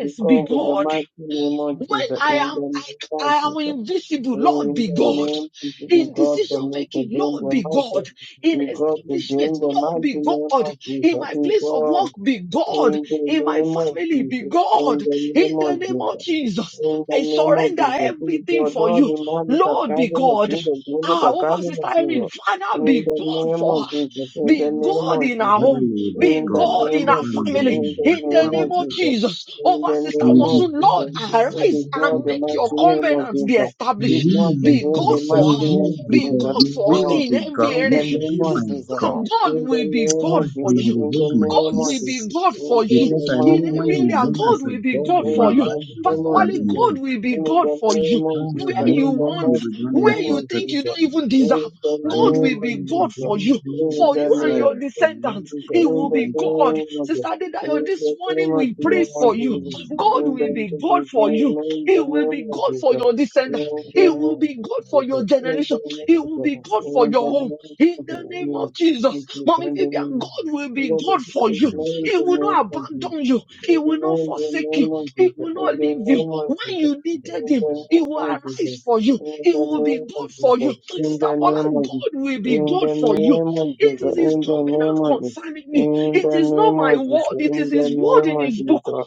A: We
D: be
A: call for the
D: God.
A: mighty name of
D: When
A: Jesus.
D: I
A: In
D: am,
A: the
D: I,
A: name of
D: I am
A: Jesus.
D: invisible, Lord
A: In
D: be
A: the
D: God.
A: name of Jesus. We
D: In
A: God to
D: decision
A: me to
D: making,
A: bring
D: Lord
A: the
D: be
A: mighty.
D: God. In
A: We God to
D: establishment,
A: bring the
D: Lord
A: mighty
D: be
A: name
D: God.
A: of
D: In
A: Jesus.
D: my
A: We
D: place of work,
A: God
D: be God.
A: in the
D: In my
A: name of
D: family,
F: Thank you.
D: be
A: Jesus. In
D: God.
A: the
D: In
A: name
F: Thank
D: the
A: of
D: name
A: Jesus.
D: of Jesus,
A: In the
D: I
A: name of
D: surrender
A: Jesus, please,
D: everything
A: Lord
D: for
A: God,
D: you.
A: we magnify
D: Lord be
A: the
D: God.
A: Jesus,
D: Ah,
A: magnify
D: over
A: the
D: Sister Irene,
A: Jesus.
D: Father,
A: In
D: be
A: the
D: God
A: name
D: for her.
A: of Jesus, in the
D: Be
A: name
D: God
A: of
D: in our
A: Jesus,
C: Father,
D: home.
C: you will be
D: Be
A: in the
C: God
D: God in
A: name of
D: our
C: over me,
A: Jesus,
C: over
D: family
A: in
C: my
A: the
C: life,
D: in the
A: name
C: over
A: of
D: name
C: my
D: of
C: children.
A: Jesus,
D: Jesus,
A: in
D: over
A: the
D: Sister
C: You
A: name
C: will be
A: of
D: Mosun, Lord,
A: Jesus,
C: God
A: we
C: over
D: arise
A: destroy
D: and
C: everything
A: the
C: that I
D: make your
A: mighty name of
D: covenant be
A: Jesus. We
C: You
D: established.
A: want to
D: Be
A: in the
D: God
A: mighty
D: for
C: will
D: her.
A: name of
D: Be
A: Jesus,
D: God
C: You
D: for
C: will be God.
D: her
C: You
A: destroy.
C: will
D: in
C: be
D: every
C: God.
A: In the
D: area.
C: You will
A: name
C: be
A: of
D: Sister
C: my
A: Jesus,
C: God.
D: Sam, God
A: in the
D: will be
A: name of
D: God
C: Ah,
D: for
C: and I
A: Jesus,
D: you.
C: will
A: in the
C: hold my
D: God
A: name of
D: will
A: Jesus,
D: be
C: peace.
D: God
A: in
D: for you.
A: the
C: Because I
D: In
C: know
A: mighty
C: when
D: every
C: you
D: area,
A: name of
C: reign
D: God
C: as
A: Jesus.
C: a
D: will be
C: God
D: God
C: in
A: Oh,
D: for
C: my
A: In
D: you.
A: the
C: life, you
A: name
C: will
D: Pastor
A: of
C: grant
D: Wale,
C: me
A: Jesus.
D: God
C: victory.
D: will be
A: In
D: God
A: the
D: for you.
A: name of
C: Ah,
D: Where
A: Jesus.
C: I
A: In
C: know,
D: you
A: the
C: Lord,
D: want,
C: you
A: mighty
C: will grant
A: name
C: me
D: where you
A: of
D: think
C: protection.
D: you
A: Jesus.
D: don't even deserve,
A: In the
C: I
D: God
C: know,
A: name
D: will
C: Lord,
A: of
D: be
C: you will
D: God
A: Jesus.
D: for
C: grant
D: you.
C: me
A: In the name of Jesus. In
D: For
A: the
D: you and
C: desire.
D: your
C: The Lord
D: descendants, He
C: God
D: will
A: name
D: be
C: Almighty
D: God.
C: will
D: Sister Didayo, this morning
A: of
D: we pray
C: bless
D: for you.
A: Jesus.
D: God
A: In the name of Jesus. In the
D: will
C: you.
D: be God for you.
A: name
D: He will be
A: of
D: God for
A: Jesus.
D: your descendants.
A: In
D: He
A: the name
D: will be God for
A: of
D: your
A: Jesus.
D: generation. He will be God
A: In
D: for
A: the name of Jesus. In the name of Jesus. In the name of Jesus. In
D: your
A: the
D: home.
A: name of
D: In
A: Jesus.
D: the name
A: In the name
D: of Jesus.
A: of
D: Mommy Vivian, God will be God
A: Jesus.
D: for you.
C: Thank
A: In
C: you,
D: He
A: the
D: will
C: God.
A: name
D: not
A: of Jesus.
D: abandon you. He
A: In
D: will not
A: the
D: forsake you.
A: name of
D: He
A: Jesus,
D: will
A: in
D: not
A: the name
D: leave you.
A: of
D: When
A: Jesus,
D: you needed
A: in the
D: him,
A: name
D: he will
A: of Jesus,
D: arise for you.
A: in
D: He
A: the
D: will be
A: name of
D: God for you.
A: Jesus, in
D: Sister
A: the
D: Paula,
A: name of
D: God
A: Jesus,
D: will be
A: in
D: God
A: the
D: for you.
A: name of
D: It
A: Jesus,
D: is his
A: in
D: covenant concerning you. It
A: the
D: is not
A: name
D: my
A: of Jesus,
D: word, it
A: in
D: is
A: the
D: his
F: you.
D: word
A: name
D: in
A: of
D: his book.
A: Jesus,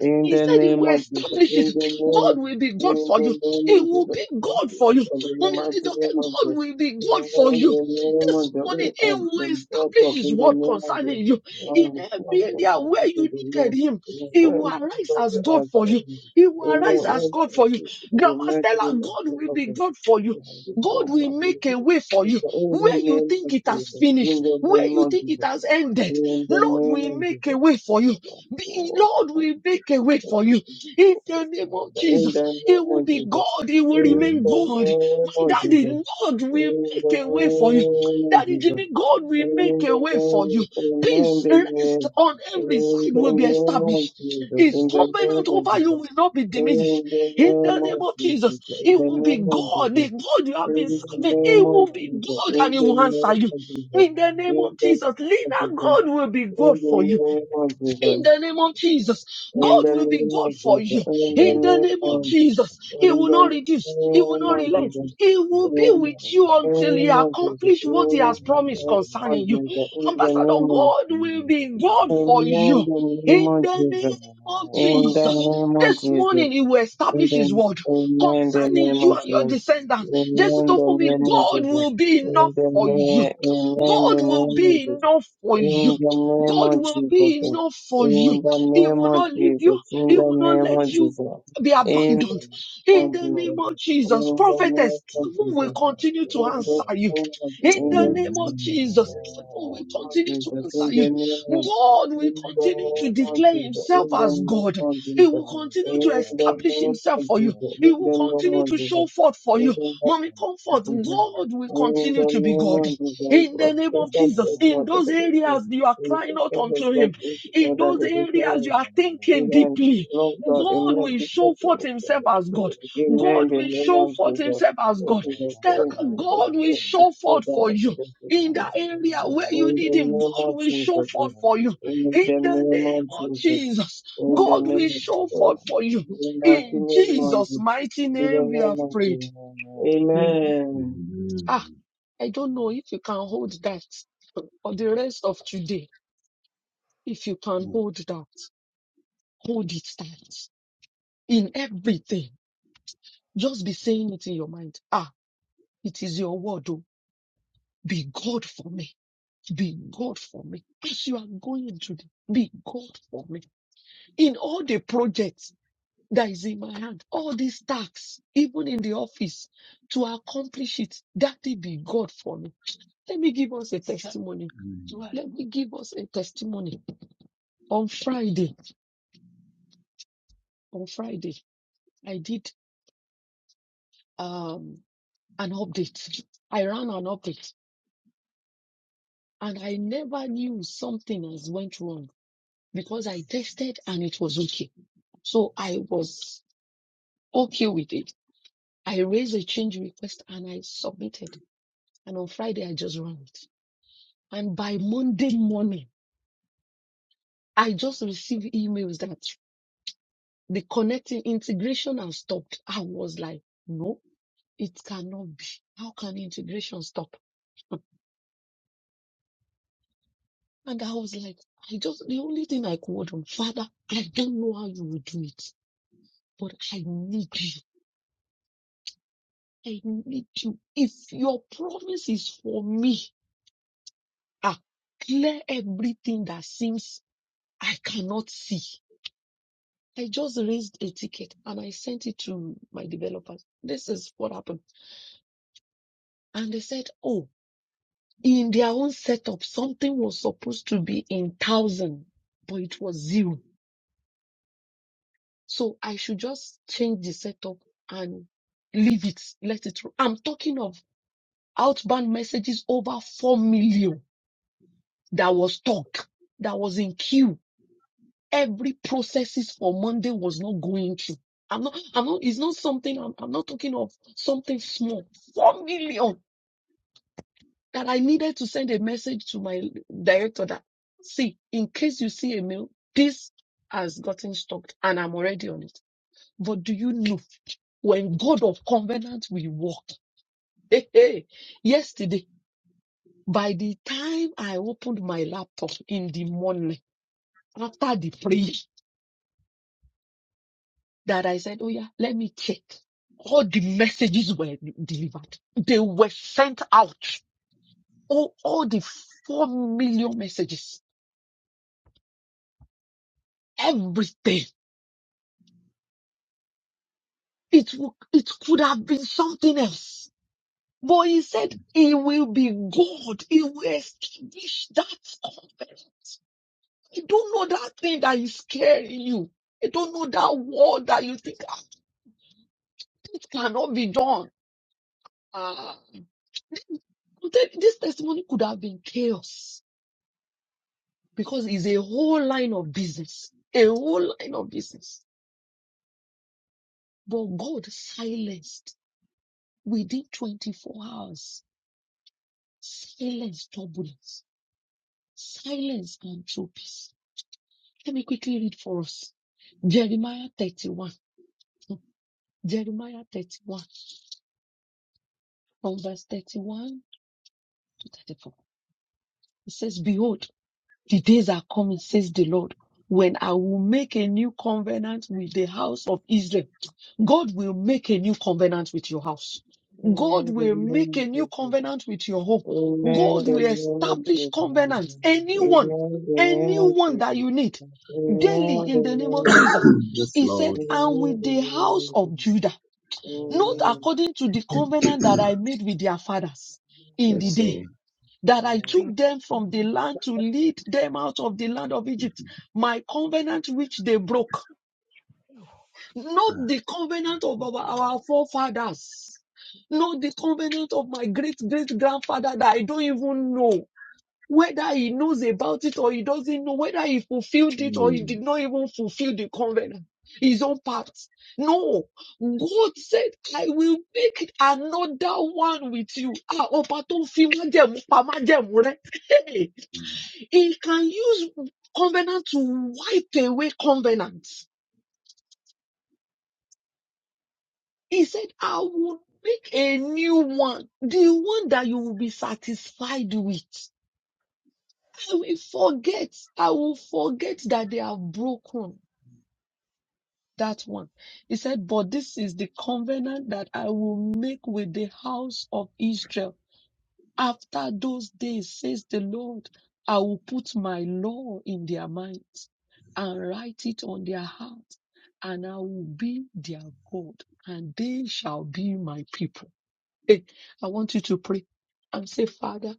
A: in
D: He
A: the
D: said he
A: name
D: will
A: of Jesus, in the name of Jesus,
D: establish
A: in
D: it.
A: the name,
D: God will be God
A: in
D: for you.
A: the name
D: He
A: of
D: will
A: Jesus,
D: be
A: thank
D: God
A: you,
D: for you.
A: and in the
D: Mommy
A: mighty
D: Adedoke,
A: name of
D: God
A: Jesus,
D: will be God
A: in
D: for you.
A: the name
D: This
A: of Jesus,
D: morning, He
A: and
D: will
A: the God
D: establish
A: of
D: His
A: in the
D: word
A: name of Jesus,
D: concerning you. In
A: and the Son
D: every area where
A: of
D: you
A: the Lord,
D: needed Him,
A: Amen.
D: He will
A: Glory to the
D: arise
A: God
D: as
A: who
D: God
A: art
D: for
A: in
D: you. He will
A: Amen.
D: arise as
A: Lord,
D: God
A: thank
D: for you.
A: you for the
D: Grandma
A: mighty
D: Stella,
A: name of
D: God
A: your
D: will
A: love
D: be
A: and
D: God for you.
A: mercy,
D: God
A: Lord, for
D: will
A: me.
D: make a way for
A: It's
D: you.
A: the only
D: Where you
A: name
D: think
A: of
D: it has
A: Jesus. In
D: finished,
A: the
D: where
A: name
D: you
A: of
D: think it
A: Jesus.
D: has ended,
A: In the
D: Lord
A: name
D: will
A: of
D: make a
A: Jesus.
D: way for you. The
A: Lord,
D: Lord
A: thank
D: will
A: you for
D: make a way
A: the mercy.
D: for you. In the name of
A: In
D: Jesus,
A: the
D: He
A: name
D: will
A: of
D: be
A: Jesus.
D: God. He will
A: In
D: remain
C: Amen.
A: the
D: God.
A: name
D: My
A: of
D: daddy,
A: Jesus.
D: Lord will
A: In the
D: make a way for you.
A: name of
D: Daddy
A: Jesus.
D: Jimmy, God will make
A: In
D: a
A: the
D: way
A: name,
D: for you.
A: in the
D: Peace, rest
A: name,
D: on every
A: in
D: side
A: the
D: will be
A: name of
D: established.
A: Jesus,
D: His
A: in the name
D: covenant
A: of
D: over you
A: Jesus,
D: will not be diminished.
A: in the
D: In the
A: name
D: name
A: of
D: of
A: Jesus,
D: Jesus,
A: in
D: He
A: the
D: will be
A: name of
D: God.
A: Jesus,
D: The God you have
A: in
D: been
A: the
D: serving, He
A: name of
D: will be
A: Jesus,
D: God
A: in
D: and He
A: the
D: will
A: name
D: answer you.
A: of Jesus, in the name
F: Thank
D: In the
F: you.
D: name
A: of
D: of Jesus, Lina,
A: Jesus,
D: God will be
A: in the name of Jesus, in the
D: God for you
A: name of
D: in
A: Jesus,
D: the name of Jesus.
A: in
D: God
A: the
D: will be
A: name
D: God
A: of,
D: for you in
C: Amen.
D: the name
C: Thank
D: of
C: you,
D: Jesus. He
A: in
D: will
A: the
D: not reduce, He
A: name
D: will not
C: thank
A: of
C: you,
D: relent.
A: Jesus.
C: Jesus.
D: He
C: Thank
D: will
C: you,
D: be
C: Jesus.
D: with you
A: In the
D: until He
A: name of Jesus,
D: accomplishes what He
A: in
D: has
C: Amen.
D: promised
A: the name
D: concerning
A: of
D: you.
A: Jesus, in the name
D: Ambassador,
A: of Jesus,
D: God
C: Amen.
D: will
C: Thank
D: be
C: you, Father.
D: God for
A: Amen.
D: you
A: In the name
D: in
A: of
D: the name
A: Jesus.
D: of
A: In
D: Jesus.
A: the name of
D: This
A: Jesus.
D: morning he will establish his
A: Amen.
D: word
A: Amen. The
D: concerning
A: name
D: you
A: of
D: and your
A: Jesus.
D: descendants. Just
A: Amen.
D: to
A: The
D: for me,
A: name of
D: God
A: Jesus.
D: will be
A: In
D: enough
A: the
D: for you.
A: name, amen. The
D: God will
A: name of
D: be
A: Jesus.
D: enough for you.
A: In the name
D: God
A: of
D: will
A: Jesus.
D: be enough for you.
A: In the
D: He
A: name
D: will
A: of
D: not leave
A: Jesus.
D: you.
A: In
D: He
A: the
D: will not
A: name of
D: let you
A: Jesus.
D: be
A: In
D: abandoned. In the name of Jesus, prophetess,
A: of
D: heaven
A: Jesus. In the name
D: will continue to answer you. In the name of Jesus, heaven will
A: of Jesus. In the name of Jesus. In the name of Jesus. In the name of
D: continue to
F: and
A: Jesus.
D: answer
F: forgive
A: In
D: you.
A: the name
F: me
A: of
D: God will
F: the
D: continue
F: way
D: to
F: we
D: declare
F: are
A: Jesus.
D: himself
A: In the
D: as
A: name
D: God.
A: of
D: He
A: Jesus.
D: will
F: here
D: continue
A: In
D: to
F: for
A: the
D: establish
A: name
D: himself
A: of
D: for you.
F: us,
A: Jesus,
D: He
A: in the
D: will
F: and
A: name
F: forgive
D: continue
A: of
D: to
F: me
A: Jesus,
D: show forth for
A: in
D: you.
A: the name of
D: Mommy,
F: and
D: comfort.
F: forgive us
A: Jesus,
D: God will
F: the Lord.
A: in
D: continue
A: the
D: to be
A: name
D: God
A: of Jesus, it
D: in
F: And
D: the
A: was
F: when
D: name of
F: we
A: taken
F: are
A: to
D: Jesus.
A: us
F: all
D: In
A: not
F: up
A: to
D: those
A: believe me.
D: areas you are
A: We
D: crying
A: think
D: out
A: that the
D: unto
A: God
D: Him,
F: to
A: is
F: the
D: in
F: place
A: together,
D: those
A: the
F: of the
D: areas
A: desire
D: you
A: is
D: are
F: Lord, and
D: thinking
A: behind.
D: deeply,
A: Lord God,
F: we
D: God
A: amen.
D: will
F: thank
A: This is
F: you
A: the
D: show
F: for
D: forth
A: word
F: the
A: of
D: Himself
F: faith
D: as
A: God.
D: God.
F: that you
A: Amen,
D: God
F: show
A: the
D: will
F: me
A: name
F: to
D: show
A: of
D: forth
F: help.
A: Jesus.
D: Himself as
A: In
D: God.
A: Jesus'
D: Still,
A: name, Jesus,
D: God will
A: Christ,
F: Amen.
A: the
D: show forth
A: freedom
D: for
A: of
D: you.
A: the
D: In
A: goodness.
D: that area
A: It's
D: where you
A: in the
D: need
F: Hallelujah.
D: Him,
A: name
D: God
A: of
D: will show forth
A: Jesus.
F: Thank
D: for
F: you,
D: you.
F: Jesus.
A: In
D: In
A: the
D: the
A: name of
D: name of
A: Jesus.
D: Jesus,
A: In the
D: God
F: Amen.
D: will
A: name of the
D: show
A: Lord.
D: forth
F: Thank
D: for
F: you,
D: you.
A: In the mighty
F: Jesus.
D: In
A: name of
D: Jesus'
A: Jesus.
D: mighty
A: In
D: name, we
A: the name
D: have
A: of
D: prayed.
A: Jesus.
F: Amen.
E: give
A: Amen.
D: Ah, I don't know if you can hold that for the rest of today. If you can hold that, hold it tight in everything. Just be saying it in your mind. Ah, it is your word. Oh, be God for me. Be God for me. As you are going today, be God for me. In all the projects that is in my hand, all these tasks, even in the office, to accomplish it, that will be God for me. Let me give us a testimony. Let me give us a testimony On Friday, on Friday, I did um an update. I ran an update and I never knew something has went wrong because I tested and it was okay. So I was okay with it. I raised a change request and I submitted. And on Friday, I just ran it. And by Monday morning, I just received emails that the connecting integration has stopped. I was like, no, it cannot be. How can integration stop? And I was like, I just, the only thing I called on Father, I don't know how you will do it, but I need you. I need you. If your promise is for me, ah, clear everything that seems I cannot see. I just raised a ticket and I sent it to my developers. This is what happened. And they said, oh, in their own setup, something was supposed to be in thousand, but it was zero. So I should just change the setup and leave it, let it. ro- I'm talking of outbound messages over 4 million that was stuck, that was in queue. Every processes for Monday was not going through. I'm not, I'm not, it's not something, I'm, I'm not talking of something small. 4 million that I needed to send a message to my director that, see, in case you see a mail, this has gotten stuck and I'm already on it. But do you know when God of covenant will work? Hey, hey. Yesterday, by the time I opened my laptop in the morning after the prayer, that I said, Oh, yeah, let me check. All the messages were delivered, they were sent out. All, all the four million messages, everything. It, wo- it could have been something else. But he said, It will be God. He will establish that covenant. You don't know that thing that is scaring you. You don't know that word that you think, ah, this cannot be done. Ah, I'm telling you, this testimony could have been chaos because it's a whole line of business, a whole line of business. But God silenced within 24 hours, silenced turbulence, silence and true peace. Let me quickly read for us Jeremiah 31. Jeremiah 31, from verse 31 34. It says, Behold, the days are coming, says the Lord, when I will make a new covenant with the house of Israel. God will make a new covenant with your house. God
A: Amen. The
D: will
A: name
D: make a
A: of
D: new
A: Jesus.
D: covenant with your home.
A: Amen.
D: God
A: The
D: will
A: name of
D: establish
F: Amen.
A: Jesus.
D: covenant. Anyone,
A: Amen. The name of
D: anyone that
A: Jesus.
D: you need
F: Thank you,
D: daily
A: Amen.
D: in
A: The
D: the name of
A: name of
D: Jesus.
A: Jesus. Amen.
C: Yes,
D: He said,
C: Lord.
A: The
F: Lord.
D: and
A: name
D: with the house
A: of Jesus.
D: of Judah, not
F: Amen.
A: Amen.
D: according to the covenant that I made with their fathers in the
C: Yes,
F: Thank you,
D: day
C: so.
F: Jesus.
D: that I
F: Amen.
D: took them from the land to lead them out of the land of Egypt, my covenant which they broke, not
C: Ah,
D: the covenant of our, our forefathers, not the covenant of my great great grandfather that I don't even know. Whether he knows about it or he doesn't know, whether he fulfilled it or he
C: mm,
D: did not even fulfill the covenant, his own part. No, God said, I will make another one with you. Ah, ọba tó fi májẹ̀mú pa májẹ̀mú rẹ̀. Hey!
C: mm,
D: He can use covenant to wipe away covenants. He said, I will make a new one, the one that you will be satisfied with. I will forget, I will forget that they are broken that one. He said, but this is the covenant that I will make with the house of Israel After those days, says the Lord, I will put my law in their minds and write it on their hearts, and I will be their God, and they shall be my people. Hey, I want you to pray and say, Father,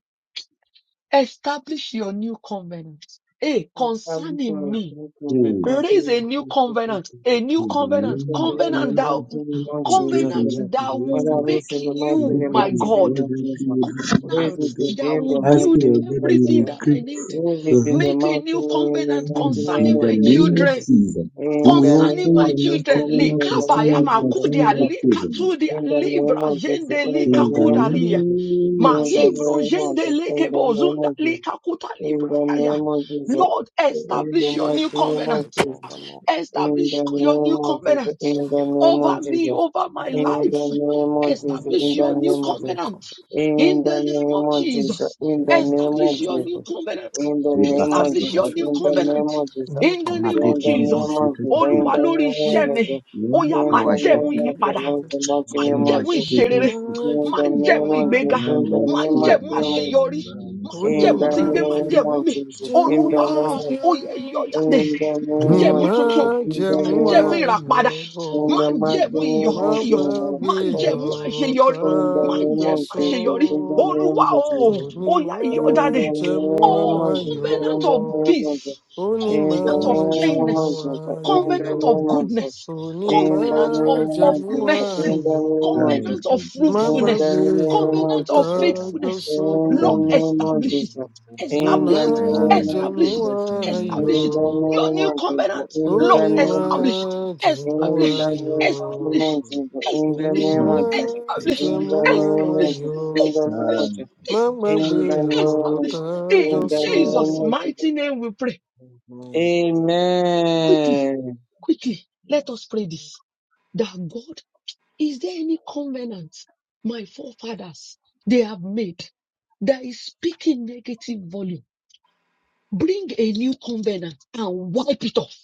D: establish your new covenant. Hey,
A: I come
D: concerning
A: to
D: me,
A: us from the
C: mm.
D: raise a new
A: consumption.
D: covenant, a new
C: In the
A: We
D: covenant,
A: thank
C: name of
A: you, Lord,
D: covenant
A: in the
C: Jesus,
D: thou,
A: mighty name of
C: in
A: Jesus,
C: Jesus,
A: O
D: covenant
C: and yet
A: Lord.
C: for
D: that
C: the last
D: will
C: thing,
A: Father, this
D: make
A: in the
C: I
A: mighty
D: you
C: lift
A: name,
C: up
D: my
C: my
A: mighty name
D: God
C: voice
A: of
C: and
F: Thank
C: pray
A: Jesus.
C: you
F: you,
C: this
A: Raise
D: covenant
C: wonderful
F: Jesus.
A: it
C: day.
D: that
A: again, the
D: will
C: Ask
D: build
C: you,
A: mighty
C: God,
A: name of
C: that you
D: everything
C: may
A: Jesus.
D: that I
C: creep
D: need.
F: Thank
A: Raise it
C: your
A: in
C: healing
A: the
D: Make a
A: mighty
D: new
A: name, the
D: covenant
A: mighty name
D: concerning
C: in the
D: my
A: of
C: name of
A: Jesus.
D: children,
C: Jesus. You
A: In the
C: will
D: concerning
A: name
C: open
A: of
D: my
C: your
A: Jesus,
C: mouth,
D: children.
A: in
C: calling out
A: the name
C: concerning
D: Likabaya
A: of
C: me,
A: Jesus.
C: concerning
D: makudia
A: Look
C: my
A: up.
C: children.
D: likatudia
A: In the
D: libra
A: name of Jesus,
D: jende
A: in the
C: In the
A: name of
D: likakudalia.
A: Jesus.
C: name of
A: In the
C: Jesus.
D: Mahibro
A: name of
D: jende
A: Jesus, in the name
D: lekebozunda
A: of Jesus.
D: likakuta
A: In
D: libra
A: the
D: yaya.
A: name of
F: you, Jesus.
A: Jesus.
D: Lord,
F: Thank you,
A: In the
D: establish your
F: Father.
A: mighty
D: new
A: name of
F: Let
D: covenant.
A: Jesus.
F: go of my life.
A: In the
D: Establish your
A: name
D: new
A: of Jesus,
D: covenant
A: in
F: Thank
A: the name
D: over
A: of
D: me,
A: Jesus,
D: over my
A: in
B: Lord,
A: the
D: life.
A: name of Jesus,
B: Lord,
F: you,
D: Establish
A: in
F: my
A: the
D: your new
B: it's
A: name
B: very no
D: covenant
B: covenant,
D: in the name of
A: of Jesus,
D: Jesus.
F: Let go of my life. Thank you, Jesus. Let go
A: in
F: of
A: the
F: my life. Thank you, Jesus. Let go
B: covenant,
A: name
D: Establish
A: of
D: your new
A: Jesus,
D: covenant.
A: in the
F: of
A: name of
D: Establish
A: Jesus,
D: your
B: covenant,
D: new
C: Rebakasokoto.
A: in the
B: covenant,
A: name
D: covenant
A: of Jesus,
B: no
F: my
D: in the
F: life.
D: name of
A: in
B: covenant,
A: the
C: Matekerebo
A: name
D: Jesus.
A: of
B: covenant,
A: Jesus,
C: sheketepe.
D: Olúwa lórí iṣẹ́ mi, ó
C: Lord,
D: yá má
A: in the
C: our
D: jẹ̀mú
A: name
C: shepherd,
A: of
B: covenant,
D: ìyípadà.
A: Jesus, in the name of
B: covenant.
D: Má
C: thou
D: jẹ́
C: art
D: mú
A: Jesus,
C: shepherd,
D: ìṣerere.
B: Jehovah,
A: in
D: Má
A: the
D: jẹ́ mú
A: name of
D: ìgbéga.
C: thou art
B: Jehovah,
D: Má
A: the
C: shepherd,
A: mighty, mighty
C: thou
A: name of Jesus,
D: àṣeyọrí. Má
C: art shepherd,
A: in the
D: tí ń gbé
B: Onimba,
D: má
A: name of
D: mi.
A: Jesus, in the name of Jesus, in the name of Jesus, in the
D: Olúwa
A: name
B: Jehovah,
A: of
D: ó
B: Yo.
D: yẹ yọ jáde.
A: in the
D: Má
A: name
D: jẹ́
A: of Jesus,
D: tuntun.
C: Thank
B: Nima
A: in
C: you.
A: the
D: Má
A: name of
B: Jemua
D: ìràpadà.
A: in
D: Má
A: the
B: Yobo,
A: mighty
D: jẹ̀mú
A: name
D: iyọ̀
C: thank
A: of
D: ayọ̀.
C: you,
D: Má
F: Thank
B: Magwabi
F: you,
D: jẹ̀mú
A: Jesus.
F: Jesus.
D: àṣeyọrí.
A: In the
D: Má
F: Thank
B: Ota
A: name
F: you,
D: jẹ̀mú
A: of Jesus.
D: àṣeyọrí.
F: Jesus.
A: In the
F: Thank
B: Joso.
F: you for
D: Olúwa
A: name
F: this
A: of
D: o,
F: time,
C: thank
A: Jesus.
F: God.
D: ó yá iyọ̀
C: you,
A: In
D: jáde.
A: the
B: Unimajamuayo,
F: Thank
D: Oh,
A: name of
F: you.
D: covenant of peace,
A: Jesus.
F: I
A: In
F: love you. I
A: the
D: covenant of
A: name
D: kindness,
A: of Jesus.
B: unimajamuayo,
A: In the
D: covenant of
A: name of Jesus.
D: goodness,
A: In the
F: love
D: covenant of,
A: name
D: of
A: of
D: mercy,
B: unimajamuayo.
C: thank you, thank
D: covenant
C: you, Mm, thank
D: of
C: you,
B: Má
F: you.
C: Jesus.
D: fruitfulness,
B: gbàgbé ọ̀rọ̀
D: covenant
B: tá
D: of
A: Jesus.
B: a jọ
D: faithfulness.
B: sọ,
A: In the name of Jesus. In the
D: Lord,
C: Mm,
A: name
C: thank
A: of Jesus. In the name of Jesus. In the name of Jesus. In the name of
D: establish
C: you,
D: it,
A: Jesus. In the
D: establish
A: name
D: it,
C: thank you,
D: establish
A: of
D: it,
A: Jesus.
F: Thank
D: establish
F: you
C: thank
D: it.
F: for this
C: you,
D: Your
B: unimajamuayo,
F: time.
D: new
F: Thank
D: covenant,
F: you for this time, God.
A: In the
D: Lord,
A: name of Jesus.
D: establish
A: In the
D: establish,
B: unimajamuayo,
A: name of the
D: establish,
A: Lord Jesus, in the
D: establish,
A: name of
C: Mm, thank you,
A: Jesus,
D: establish,
A: in
C: Father,
A: the name of
D: establish,
A: Jesus,
B: unimajamuayo.
D: establish,
C: thank
F: Thank
C: you,
F: you
B: Má
C: Father,
A: in
D: establish,
B: gbàgbé
A: the
B: ọ̀rọ̀
A: name of
B: tá
D: establish.
B: a jọ
D: In
B: sọ.
D: Jesus' mighty
A: Jesus,
D: name we pray.
A: in the
D: Quickly,
A: name
D: quickly, let us pray this. That God, is there any covenant my forefathers they have made that is speaking negative volume? Bring a new covenant and wipe it off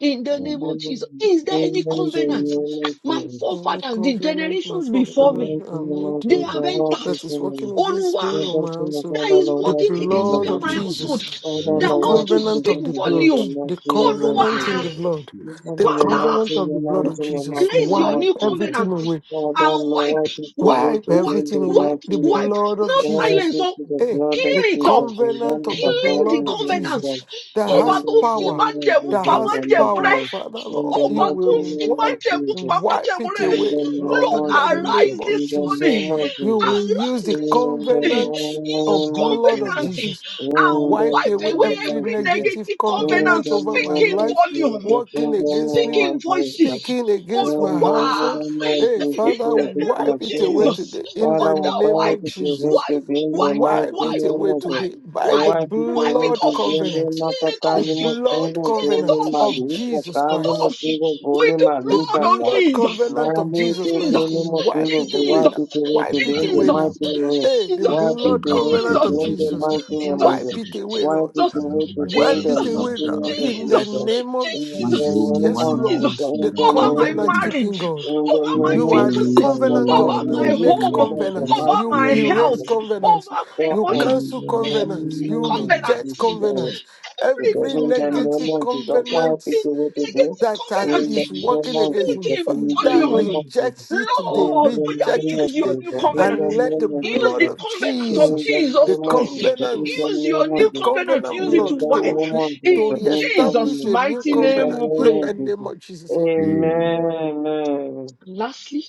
D: in
A: of Jesus,
D: the
A: in the
C: Oh,
D: name
A: name of Jesus. Amen.
D: of
A: Amen.
D: Jesus. Is
A: Amen. The
D: there
A: name
D: any
A: of
D: covenant?
B: Jesus.
D: My
A: Jesus.
B: And I
D: forefathers, the
B: covenant my
D: generations
A: In the
D: before
B: forefather
D: me,
A: mighty name
B: and
A: of
D: they
A: Jesus,
B: nature
A: the
C: thank
D: have
C: you,
A: Lord is
D: entered.
B: that is
A: in
B: working
A: you.
B: against me
D: Onwa
A: In
B: or
A: the
B: my
A: name of the
B: household.
D: that
A: Father, the
D: is
B: The
A: Lord
D: working
A: is
D: against me
B: blood
C: thank
D: and
B: of
A: in
D: my
A: you.
C: you,
D: household,
B: Jesus,
C: Jesus,
A: Father, the
B: the
D: that
C: thank you,
D: wants
A: Lord
D: to
A: is
C: Jesus.
A: in
B: covenant
D: speak
A: you.
B: of the
A: In
B: blood,
A: the
D: volume.
B: the
A: mighty name of
D: Onwa,
B: covenant in the
A: Jesus.
B: blood,
A: In the
B: the
A: mighty name of Jesus,
B: covenant of the
A: in
D: Father,
B: blood of
A: the
B: Jesus.
A: mighty
D: raise
A: name
D: your
B: Wipe
A: of
D: new
A: Jesus.
B: everything
D: covenant
B: away
A: Father,
D: and wipe,
A: Lord, take
D: wipe,
A: away
B: Wipe
A: today
D: wipe,
B: everything
A: the
B: away.
A: mighty
D: wipe,
B: The
A: Lord.
D: wipe.
B: blood of
D: Not
A: Glory
B: Jesus.
D: silence, so
A: to the
B: Hey,
A: blood of
B: the
D: clean it
A: Jesus,
D: up.
A: and then the
B: covenant
A: Lamb
B: of the
A: of God,
D: Clean the
B: blood
A: and the
B: of
D: covenant.
B: Jesus
A: Jesus.
B: that
D: Over
B: has
D: to
A: In
B: power,
D: Fima
A: the name of
D: Jemu,
B: that
D: Pama
B: has
D: Jemu,
A: Jesus,
B: power, Father Lord.
A: the
B: You
D: Ọba
A: mighty Lord.
D: tó ń
B: will
D: fi
B: wi-
D: májẹ̀mú pa
B: wipe
D: májẹ̀mú
B: it
D: rẹ̀.
A: In
B: away,
A: the
B: Lord,
D: Lord,
B: in
A: mighty
B: the
A: name
D: arise
B: name of
D: this
B: Jesus.
D: morning.
A: of
B: You
A: Jesus.
B: will
D: Arise
B: use the
A: In
D: this
A: the name
D: morning.
B: covenant
D: Use
B: of
A: of
B: blood of
A: Jesus.
D: covenant
B: Jesus.
D: and
A: In the
B: Wipe
D: wipe
B: away
A: name of Jesus. In the name
D: away
B: every
A: of
D: every
A: Jesus.
B: negative
D: negative
A: In the name of Jesus. In
D: covenant.
B: covenant
A: the
B: over
D: Speak
B: my
A: name of
D: in
B: life,
A: Jesus.
D: volume.
B: working
A: In
B: against
D: Speak
B: me
D: in
A: the name of
D: voices.
A: Jesus.
B: speaking against my
A: In
D: Olúwa,
A: the
B: household.
A: name of
B: Hey,
A: Jesus,
D: in
B: Father,
D: the
A: this
D: name of
A: my
B: wipe it away
A: children,
D: Jesus.
B: today in
A: Father,
B: the
A: our
D: Father,
B: name of
D: wipe,
A: Father, to wait
B: Jesus.
A: to
D: wipe,
A: be the
D: wipe,
A: mighty
B: Wipe it
D: wipe,
A: name
B: away
A: of Jesus.
D: wipe,
B: today
A: The
B: by the
D: wipe,
A: white people
D: wipe it
A: wait to
B: blood
D: off.
A: be the
B: covenant,
D: Clean it
B: the
D: off.
A: Nakakali
B: blood
A: Mosingo,
D: Clean it
A: Holy
B: covenant
D: off.
B: of
A: Mali,
B: Jesus
D: It
A: Kakali
B: Christ.
D: off
A: Mosingo,
D: with
A: Holy
D: the
B: The
A: Mali,
D: blood on
A: Kaka.
B: blood
D: Jesus.
B: covenant of
A: Mali,
B: Jesus Christ.
A: Kakali
D: Jesus,
B: Wipe
A: Mosingo,
B: it
A: the
B: away
A: white
D: Jesus,
B: now.
A: people wait to
B: Wipe
A: be
D: Jesus,
B: it
A: the
B: away now.
A: mighty
D: Jesus,
A: name of Jesus.
B: Hey, the
D: Jesus,
A: White
B: blood
A: people wait to
B: covenant
A: be
B: of
D: Jesus, Jesus,
A: the
B: Jesus.
A: mighty name of
B: Wipe
A: Jesus.
B: it away,
A: White
B: Lord.
D: Jesus,
A: people wait to be
B: Wipe
A: the
B: it away
A: mighty
B: now
A: name of
B: in the
A: Jesus.
D: Jesus,
B: name of
A: In the
C: my
D: Jesus,
B: Jesus.
A: name
B: Yes,
A: of
B: Lord,
C: Jomuara,
A: Jesus,
D: Jesus,
C: in
A: in
B: the
C: the
A: the
D: over
C: name
D: my
C: of
A: name of
B: covenant
A: Jesus,
C: Jesus.
B: keeping
D: marriage,
B: God.
A: in the
D: over
C: My
D: my
A: name
B: You
A: of
B: are the
A: Jesus,
C: Jomuara,
D: finances,
A: the
B: covenant
D: over
A: mighty
C: when
B: God.
C: I
B: You
A: name,
D: my
C: was
A: which
B: make
C: in
D: home,
C: love
A: favor
C: with
A: the
B: covenants.
C: you,
A: mighty
D: over
B: You
D: my
A: name of
B: erase
A: Jesus.
D: health,
A: It
B: covenants.
A: is
D: over my
A: for
B: You
A: us,
D: emotion,
C: in
B: cancel
C: the
A: uh, the
B: covenants. You
A: moment
C: name of
D: covenant,
B: reject
A: is
C: Jesus.
A: uh,
B: covenants.
D: every
A: today.
B: Every
A: In the
D: covenant
A: name
B: negative
A: of Jesus, why
B: covenant
D: the
A: people what to do?
B: that
D: negative
B: has-
D: covenant
A: In the
B: is
A: name
B: working
A: of
B: against me,
A: Jesus,
D: speaking
A: in the
B: Father,
A: name of
D: volume.
A: Jesus,
B: reject it today,
A: in
D: Lord,
A: the
D: we
B: reject
A: name
D: are
B: it
A: of
D: use your
B: today,
D: new
A: Jesus, in
D: covenant.
A: the
B: and let the
A: name of
D: Use
B: blood
D: the
A: Jesus.
B: of
D: covenant of
A: In
B: Jesus,
A: the
B: the
D: Jesus
A: name of
D: Christ.
A: Jesus, in
B: covenant,
A: the
D: Use your
A: name of
D: new
B: the
A: Jesus,
D: covenant.
B: covenant
D: Use it
A: in
D: to
B: blood,
A: the
D: wipe.
B: to
A: name
B: re- to
D: In Jesus'
B: reestablish a new
D: mighty name we
B: covenant in
D: pray.
A: of
B: the name
A: Jesus,
B: of Jesus,
A: in the
B: Amen.
A: name, in the
D: lastly,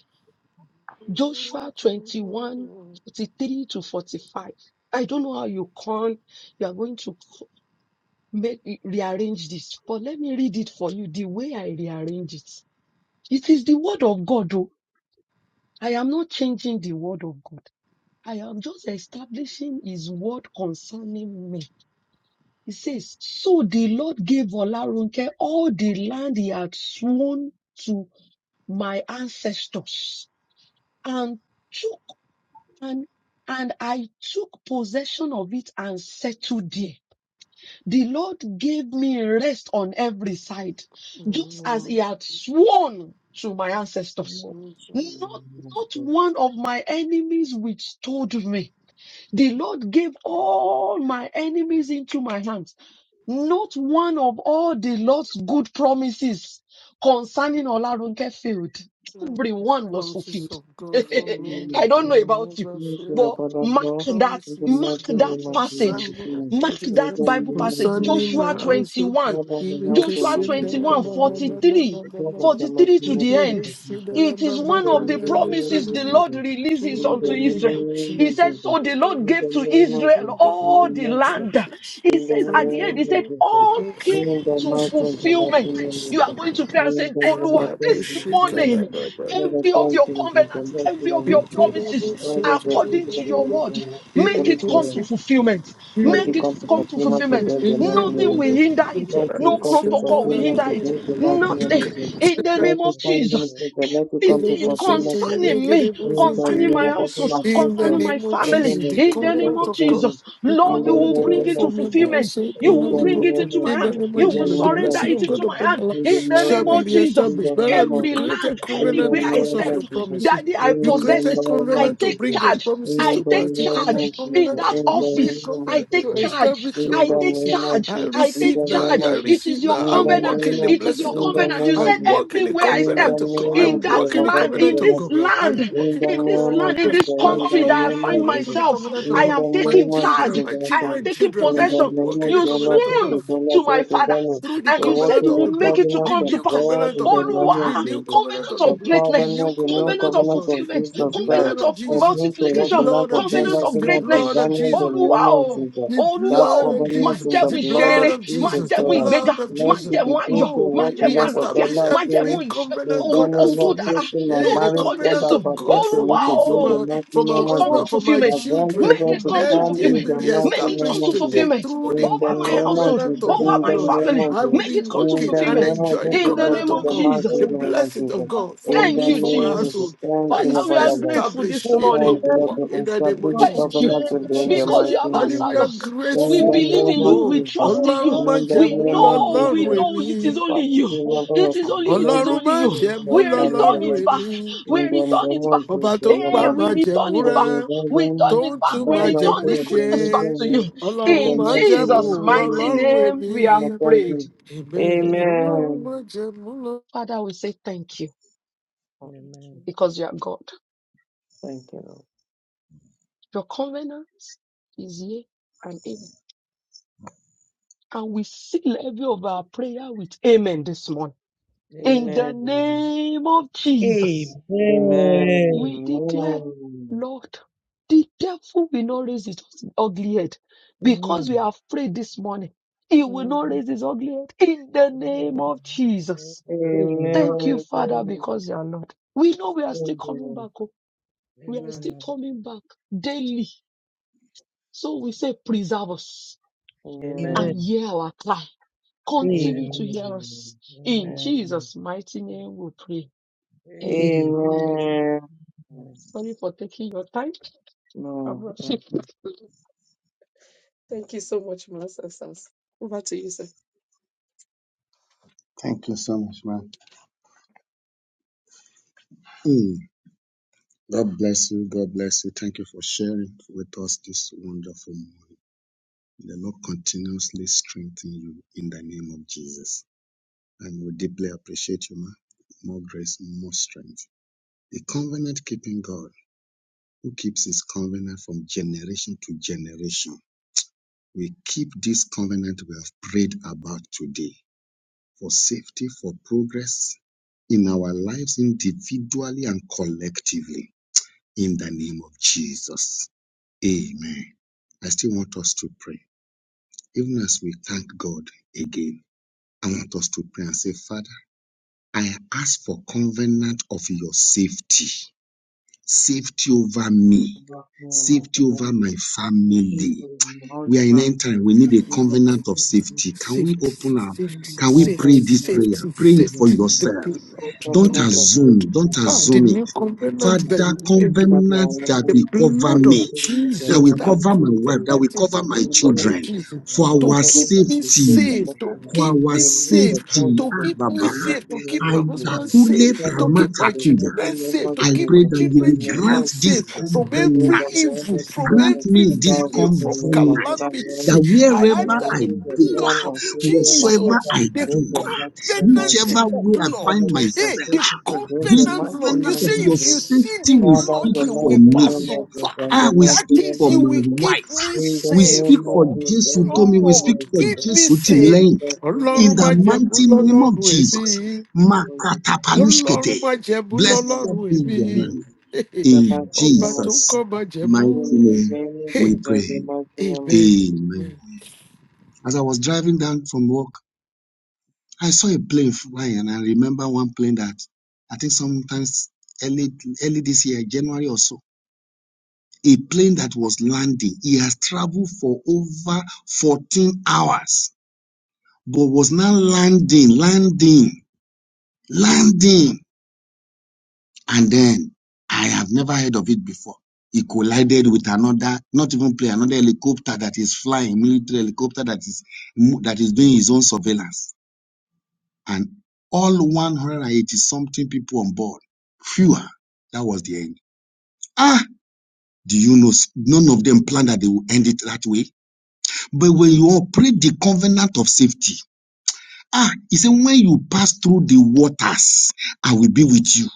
D: Joshua twenty-one forty-three to 45. I don't know how you con you are going to co- make rearrange this, but let me read it for you the way I rearrange it. It is the word of God. oh. I am not changing the word of God. I am just establishing his word concerning me. He says, So the Lord gave Olarunke all the land he had sworn to my ancestors and took and, and I took possession of it and settled there. The Lord gave me rest on every side, just as He had sworn to my ancestors.
E: Amen.
D: Not,
A: name of
D: not
A: Jesus.
D: one of my enemies withstood me. The Lord gave all my enemies into my hands. Not one of all the Lord's good promises concerning Olarunke failed. Everyone was
B: Promises
D: fulfilled.
B: of God for
A: Amen.
B: me
D: I
A: Amen.
D: don't
B: will
D: know about you,
B: never
A: Thank you,
B: fail.
A: Lord
D: but
A: God of
D: mark
B: The
A: God.
D: that,
A: In the
B: promises of
D: mark
A: mighty
B: God
D: that
A: name of
D: passage,
A: Jesus,
B: concerning my
A: in
D: mark that
B: future,
A: the
D: Bible
A: mighty
D: passage,
A: name
B: concerning
A: of
B: my
D: Joshua
A: Jesus.
B: household.
D: 21,
A: All by the
B: Even
A: house of
D: Joshua
A: my
B: Christian,
A: God,
B: there are
A: because of
D: 21,
B: ma-
A: the
B: ma- ma-
A: Lord.
B: ma-
D: 43
B: ma-
A: It's
B: ma-
A: all by
B: ma- ma.
A: the mighty
D: forty-three to
B: In
A: name
D: the
A: because of
D: end.
B: Christ, there
A: Jesus.
B: are
D: It
B: ma-
D: is
A: In
B: ma-
A: the
D: one
B: ma- ma-
D: of
B: in
D: the
A: mighty name
D: promises the
A: of
B: the ma.
D: Lord
A: Jesus.
D: releases
A: In
B: In
A: the
D: unto
B: the
A: mighty
B: name
D: Israel.
B: of
D: He
A: name of
B: Jesus,
D: said,
A: Jesus.
D: So
B: in
D: the
B: the
D: Lord
A: In
B: name
A: the
D: gave to
A: name of
D: Israel
B: in the
D: all
B: name of
D: the
A: Jesus. In the mighty name
D: land.
B: Jesus.
D: He
A: in the
D: says
B: In
D: at
B: the
D: the end, He
B: name
A: name of
D: said,
B: of
A: Jesus. In
D: All came
A: the
D: to
A: mighty and the mighty
D: fulfillment.
A: name
B: Jesus.
A: of
D: You are
A: Jesus.
D: going to pray
A: In the
D: and say, Oh
A: name
D: Lord,
B: Rabbi
D: this
A: of Jesus.
B: Shikada
D: morning,
B: Baba.
D: every of
A: Thank
D: your covenants, every of
B: In
D: your
B: the name of
D: promises,
B: Jesus. In
D: according to your
B: the
D: word, make
B: name
D: it
B: of
D: come
A: you.
D: to fulfillment.
B: Jesus.
A: Let you
D: Make it
A: come to
D: come to
A: fulfillment
D: fulfillment.
A: today, the
B: Thank
A: mighty name
D: Nothing
A: of
D: will
A: Jesus.
D: hinder it.
A: Let you
F: for
D: No
F: this
A: come to
F: time.
D: protocol will
A: fulfillment
D: hinder
F: Thank
D: it.
A: today, the mighty name
D: Nothing.
A: of Jesus.
D: In the
B: you.
A: Let
D: name
A: you
D: of
A: come to
D: Jesus,
A: fulfillment, let you
B: In
A: come to
D: everything
B: the
A: fulfillment today.
D: concerning me
A: In the
D: concerning
A: name
D: my
A: of God,
D: household,
A: my sister,
D: concerning my
B: name of
D: family,
B: Jesus, the
D: in the name
A: let
B: covenant
A: you
D: of
B: of
A: come
B: God,
A: in.
D: Jesus.
B: the
A: In
D: Lord,
A: the
D: you
B: covenant
D: will
B: of
D: bring
B: God
A: name
D: it
A: of
B: for
D: to
B: me and my
A: Jesus.
D: fulfillment.
B: household
D: You
B: will
A: In
B: not
D: will
A: the
B: be
D: bring it
A: name
B: broken.
D: into
A: of
D: my
B: In the
D: hand.
A: Jesus.
B: name of
D: You
A: In the
D: will
B: Jesus, the
A: name
D: surrender
A: of
B: blessing
D: it
B: of
A: Jesus.
B: God
D: into my
B: upon my
D: hand,
A: In the
D: in
B: life
D: the
B: shall
A: name
D: name
B: be
A: of
D: of
A: Jesus. In
D: Jesus.
A: the
B: reestablished. But
A: name
B: you
A: of
D: Every
A: Jesus.
B: created
D: land,
A: In the
B: covenant
D: anywhere
A: name
D: I
B: because of
D: step,
B: your
A: of Jesus.
B: promises.
D: Daddy,
A: In
D: I
B: You
A: the
D: possess
B: created
D: it.
A: name of
D: I
B: covenant to
D: take
A: Jesus.
B: bring your
D: charge.
B: promises
A: In
B: to
D: I
A: the
D: take
B: pass. You
A: name
B: created
A: of
D: charge in
B: covenant,
A: Jesus,
D: that
A: in the
B: you made
D: office.
A: name of
D: I
B: covenant
D: take
B: to
A: Jesus,
D: charge.
A: in
B: establish your
A: the
D: I take
B: promises.
A: name of
D: charge.
B: I
A: Jesus,
D: I
A: in
D: take
B: receive
A: the
B: now,
A: name
B: I
A: of
D: charge.
A: Jesus,
D: It is
B: receive
D: your
B: now.
A: in
B: I
A: the
D: covenant.
B: walk in
A: name
B: the
A: of
D: It is your
B: blessing of God.
D: covenant. You
B: I
D: said
A: Jesus,
B: walk in the
D: everywhere I
A: in the name of Jesus, in the
D: step
B: covenant of God.
A: name
B: I
D: in
A: of
D: that
A: Jesus,
B: walk in the
D: land,
A: above in the
B: covenant
D: in
B: of
D: this
B: God.
A: natural,
B: I
D: land
B: walk
A: in
B: in
A: the
B: the
D: in this
A: name
B: covenant
A: of
B: of
D: land, in
B: God.
D: this
B: My
F: you.
D: country
B: husband
D: that I
B: begin to
D: find
B: walk
F: Thank
B: in
A: Jesus,
B: the
D: myself.
B: covenant of
D: I
A: in
B: God.
A: the
D: am
B: My
A: name
D: taking
A: of Jesus,
B: children,
A: in the name of
D: charge.
A: Jesus,
B: my
A: I
D: I am
A: said,
B: children,
D: taking
B: children
A: in
B: begin
A: the
D: possession.
B: to
A: name
B: walk
A: of
B: in the
D: You
A: the Lord,
B: covenant of
A: this
B: God
A: is
D: swoon
A: the
D: to
A: last
D: my
A: day to Daniel,
D: fathers,
B: through the
D: and
A: to
D: you
A: walk
D: said
B: covenant
D: you
A: in
B: of
D: will
A: the
B: the
D: make
B: blood,
D: it to
B: the
A: covenant
D: come
A: of
D: to
B: new
D: pass.
A: God
B: covenant
A: in
B: of the
A: the
B: blood,
A: name of
B: the
D: Oluwa,
B: new
A: Jesus,
B: covenant
D: covenant
B: of the
A: the
D: of
B: blood, the new
A: covenant,
D: greatness,
A: the new
B: covenant
D: covenant
B: of the
D: of
A: covenant
B: blood.
A: of
D: fulfillment,
B: The
A: Jesus Christ.
B: blood
D: covenant
B: of
D: of
A: Por
B: Jesus,
A: tiempo,
B: the
D: multiplication,
A: working
B: blood
A: For
B: of
A: those who
D: covenant
A: walk
B: Jesus,
A: in love with
D: of
A: their
B: the
A: national
B: blood
D: greatness.
B: of
A: presenting
B: Jesus,
A: the
D: Oluwa,
A: name of
D: oh,
A: Jesus.
B: the
D: Oluwa,
A: That
B: blood
D: oh,
B: of
D: má
A: covenant in
B: Jesus,
D: jẹ́
A: the
D: mú
B: the
A: blood
B: blood
D: ìṣerere,
A: of
B: of
D: má
A: Jesus
B: Jesus,
D: jẹ́
B: the
D: mú
A: Christ.
D: ìgbéga,
B: blood of
D: má
A: Let you
B: Jesus.
D: jẹ́ mú
A: begin
D: ayọ̀,
A: to
B: Oh,
D: má
A: walk
B: we,
A: in
B: we
A: love with
D: àlàáfíà,
A: their
B: establish
D: má
B: every
A: national
D: ìṣe-
B: covenant
D: ohun
B: God
A: presenting
B: has
D: ohun tó
B: for
A: Lord,
B: me.
D: dára,
A: taking my
B: Yeah, the
D: lórúkọ
A: marriage and
B: covenant
A: that
D: jésù
B: of God
A: pertains to
B: for
A: me
D: olúwa
A: to
B: me, for
A: build the
D: o
B: my
A: mighty
B: for my
D: make
A: name
D: it
A: of
D: come to
A: Jesus.
B: husband, for my
A: My
D: fulfilment
B: children.
D: make
A: grandchildren
D: it
A: to
D: come to
B: There
A: come in
B: it
D: fulfilment
B: will
A: the
B: be
A: mighty
D: make it
A: name
D: come
B: established
A: of
D: to
B: today
A: Jesus.
D: fulfilment
B: through the
A: In the
D: over my
A: name of
D: household
B: covenant
A: Jesus,
B: of the
D: over
A: in the
D: my
B: blood.
A: name
D: family
A: of
B: I
A: Jesus,
B: will
D: make
B: be
D: it come to
A: in
B: walking
A: the
B: and
D: fulfilment
A: name of
B: enjoy the
A: Jesus, we
E: Amen.
D: in the
A: come
B: covenant
D: name
A: to
B: of
D: of
A: the
B: God,
A: mighty
D: jesus
B: the
A: name of
B: blessing of
A: Jesus.
F: you.
B: God for
A: In the
D: thank
B: me,
D: you
B: for my
A: name of Jesus,
B: household.
D: jesus
F: Amen. Amen. Amen.
A: thank you,
D: father
A: Lord,
B: It's
D: we
A: for
D: are
A: that.
D: grateful this
B: established. It
D: morning
A: Thank
B: will
F: Amen.
A: you, Lord,
B: work
A: for
B: in
A: this
B: the name of
A: busy
B: Jesus.
D: Thank you.
B: Thank
A: covenant
B: you,
A: with
F: Amen. Amen.
A: you your
B: Jesus.
D: Because
A: mighty
D: you
F: Jesus.
D: have
F: Amen.
A: name.
B: Daddy, we
D: answered
B: are
D: us.
A: In
D: We
B: grateful.
A: the
D: believe in
A: name of
D: you. We
B: Oh,
A: Jesus.
D: trust in
B: Ọlọ́run
D: you.
A: In
B: má
A: the
D: We
B: jẹ̀mú
A: name of
D: know, we
B: lọ́lọ́run
A: Jesus.
D: know
B: èmi.
D: it
A: We
D: is only
A: Father,
D: you.
A: remember your
D: It is only, it is
A: covenant
B: Ọlọ́run
D: only
B: má
D: you.
A: in
B: jẹ̀mú
A: your
D: We
A: family
D: return
B: lọ́lọ́run
D: it back.
A: ministry.
B: èmi.
D: We
A: In the
D: return
A: name
D: it
A: of
D: back.
B: Ọba
A: Jesus,
B: tó ń
A: your
B: pa
D: Hey,
B: má
D: we
A: mercy.
B: jẹ̀mú
D: return it
A: For
B: rẹ́,
D: back.
A: the
D: We
B: tó
D: turn
A: reason
D: it
B: ń
D: back.
B: tún
A: that
D: We
B: má
A: I don't
D: return
B: jẹ̀mú
D: the
A: the
B: ṣe.
D: goodness back
A: reason
D: to you.
A: in
B: Ọlọ́run
A: the
D: In
B: má
A: mighty name
B: jẹ̀mú
D: Jesus'
A: of
D: mighty
B: lọ́lọ́run
A: Jesus.
D: name,
B: èmi.
D: we have
A: thank
D: prayed.
A: you.
B: Amen. Ọlọ́run
A: Amen.
B: má jẹ̀mú lọ.
D: Father, we say thank you because you are God.
A: Thank you, Lord.
D: Your covenant is yea and amen. and we seal every of our prayer with amen this morning. In the
A: Amen.
D: name of Jesus, we
A: Amen.
D: declare,
A: Amen.
D: Lord, the devil will not raise his ugly head because we are afraid this morning. He will not
A: Amen.
D: raise his ugly head in the name of Jesus.
A: Amen.
E: Amen.
D: Thank you,
A: Amen.
D: Father, because you are Lord. We know we are
A: Amen.
D: still coming back. oh. We are still coming back daily. So we say, preserve us
F: Amen. Amen.
D: and
E: Amen.
A: Amen.
D: hear our cry
F: Amen.
D: Continue to hear us.
A: Amen.
D: In
F: Amen.
A: Amen.
D: Jesus' mighty name we pray. Amen. Sorry for taking your time. I'm
A: No, that's
D: rushing.
A: not.
D: Thank you, Master Sars. Over to you, sir.
C: Thank you so much, man. Mm. God bless you. God bless you. Thank you for sharing with us this wonderful The Lord continuously strengthen you in the name of Jesus. And we deeply appreciate you, ma. More grace, more strength. A covenant keeping God who keeps his covenant from generation to generation. We keep this covenant we have prayed about today for safety, for progress in our lives individually and collectively in the name of Jesus. Amen. I still want us to pray, even as we thank God again. I want us to pray and say, Father, I ask for covenant of your safety, safety over me,
A: me my
C: safety
A: husband.
C: over my
A: You see,
C: family,
A: my
C: we are in
A: husband.
C: end time. We need
A: you
C: a
A: give me the blessing
C: covenant of
A: of this
C: safety. Can we
B: Safety,
A: country.
C: open our,
A: In
B: safety,
A: the
C: can we
A: mighty
C: pray
B: safety,
C: this
A: name
C: prayer?
B: safety,
C: Pray it for
A: of
B: safety. The
A: Jesus,
C: yourself.
B: blood
C: Don't
B: through
A: Government
B: the
A: of Egypt
C: assume, don't
A: is
B: Ah,
A: one of
B: the
A: the
C: assume it.
B: new
A: least
B: covenant that
C: Father,
B: you
A: communities
B: made,
A: in that
B: with
A: the
C: covenant that
B: the
A: London of
C: will cover
B: blood
C: me,
B: of
A: Public for the
C: that
B: Jesus,
C: will
B: that
A: American
C: cover my wife, that
A: Institution.
C: will
B: covenant is the
C: cover my
A: In the
B: blood
A: common
B: of
C: children
A: description,
B: Jesus
C: for
A: the
B: to
C: our
A: reference
B: keep
A: to
B: me
A: the state of
C: safety.
B: safe, to
A: government is
C: For
B: keep
C: our
B: me
A: the
B: safe,
C: safety.
A: government
B: to
C: Ah,
A: of
B: keep
A: the
B: me
C: Baba.
B: safe,
A: American
B: to keep
C: I
B: my husband
A: Institution.
B: safe
C: takule
B: to
A: Government of
B: keep
A: the
B: my
A: American
C: pramakatuya.
B: children safe, to
C: I
B: keep my
C: pray
A: Institution
F: Amen.
C: that
A: is
C: you
A: the
B: children,
C: will
B: children
C: grant
A: normal
C: this
B: safe
A: institution.
B: from
A: In the
B: every
C: covenant.
A: government
B: evil,
A: of the
B: from
C: Grant
A: American
B: every
C: me this
B: failure, from
A: Institution, is
C: covenant
A: the normal
C: that
B: calamity. I
A: and
B: ask
C: wherever
A: I
B: that
C: I
B: the
A: give a
C: go,
B: blood
A: born
B: of
A: of Israel, my
C: whatsoever
B: Jesus,
A: brother,
C: I
B: the
A: do
C: do,
A: the next payment to
B: covenant
C: whichever
A: the
C: way I find
B: blood,
A: covenant of
B: hey,
C: myself,
B: the
A: people to do
C: this
A: the
B: covenant
A: mighty
B: blood. You
C: covenant
B: see,
C: of
A: name of
C: your
B: if you
A: Jesus.
B: see
C: safety
B: the
C: will
A: Father,
C: speak
B: blood,
A: the
B: you
C: for
B: will
A: mighty
C: me.
B: pass
A: name of Jesus,
B: over.
A: and
C: I
A: the
C: will
B: That
A: mighty
C: speak
A: name
B: is,
C: for
A: of
B: you
C: my
B: will
A: Jesus.
B: keep
C: wife.
B: me
A: In the
C: We
B: safe,
C: speak
A: name of
C: for
B: Lord.
A: Jesus, in the
C: Jesus
A: name
C: Tomi. We speak
B: Lord,
A: of
C: for
B: keep
A: Jesus,
B: me
C: Jesus
A: And
B: safe.
A: in
C: Timlane.
A: the mighty name
C: In
B: Ọlọ́run
A: of
B: má
C: the
A: Jesus.
B: jẹ́ mú
A: In
C: mighty name of
B: lọ́lọ́run
C: Jesus.
B: ẹ̀mí
A: the mighty
B: ọlọ́run
C: Makatapalushkete.
B: má jẹ̀bú
A: name of Jesus, in the mighty name
C: Blessed
A: of
B: lọ́lọ́run
A: Jesus,
C: be
B: èmi
C: your
A: in
C: name.
A: the
C: In
B: ọba tó ń kọ́
C: Jesus'
B: má jẹ̀bú
C: mighty name, we pray.
A: mighty name of
B: ẹ̀bẹ̀
A: Jesus.
C: Amen. As I was driving down from work, I saw a plane flying, and I remember one plane that I think sometimes early early this year, January or so, a plane that was landing. He has traveled for over 14 hours, but was now landing, landing, landing. And then I have never heard of it before. It collided with another, not even plane, another helicopter that is flying, military helicopter that is mo- that is doing his own surveillance. And all 180 something people on board, fewer. That was the end. Ah, do you know s- none of them planned that they will end it that way? But when you operate the covenant of safety, ah, he said, when you pass through the waters, I will be with you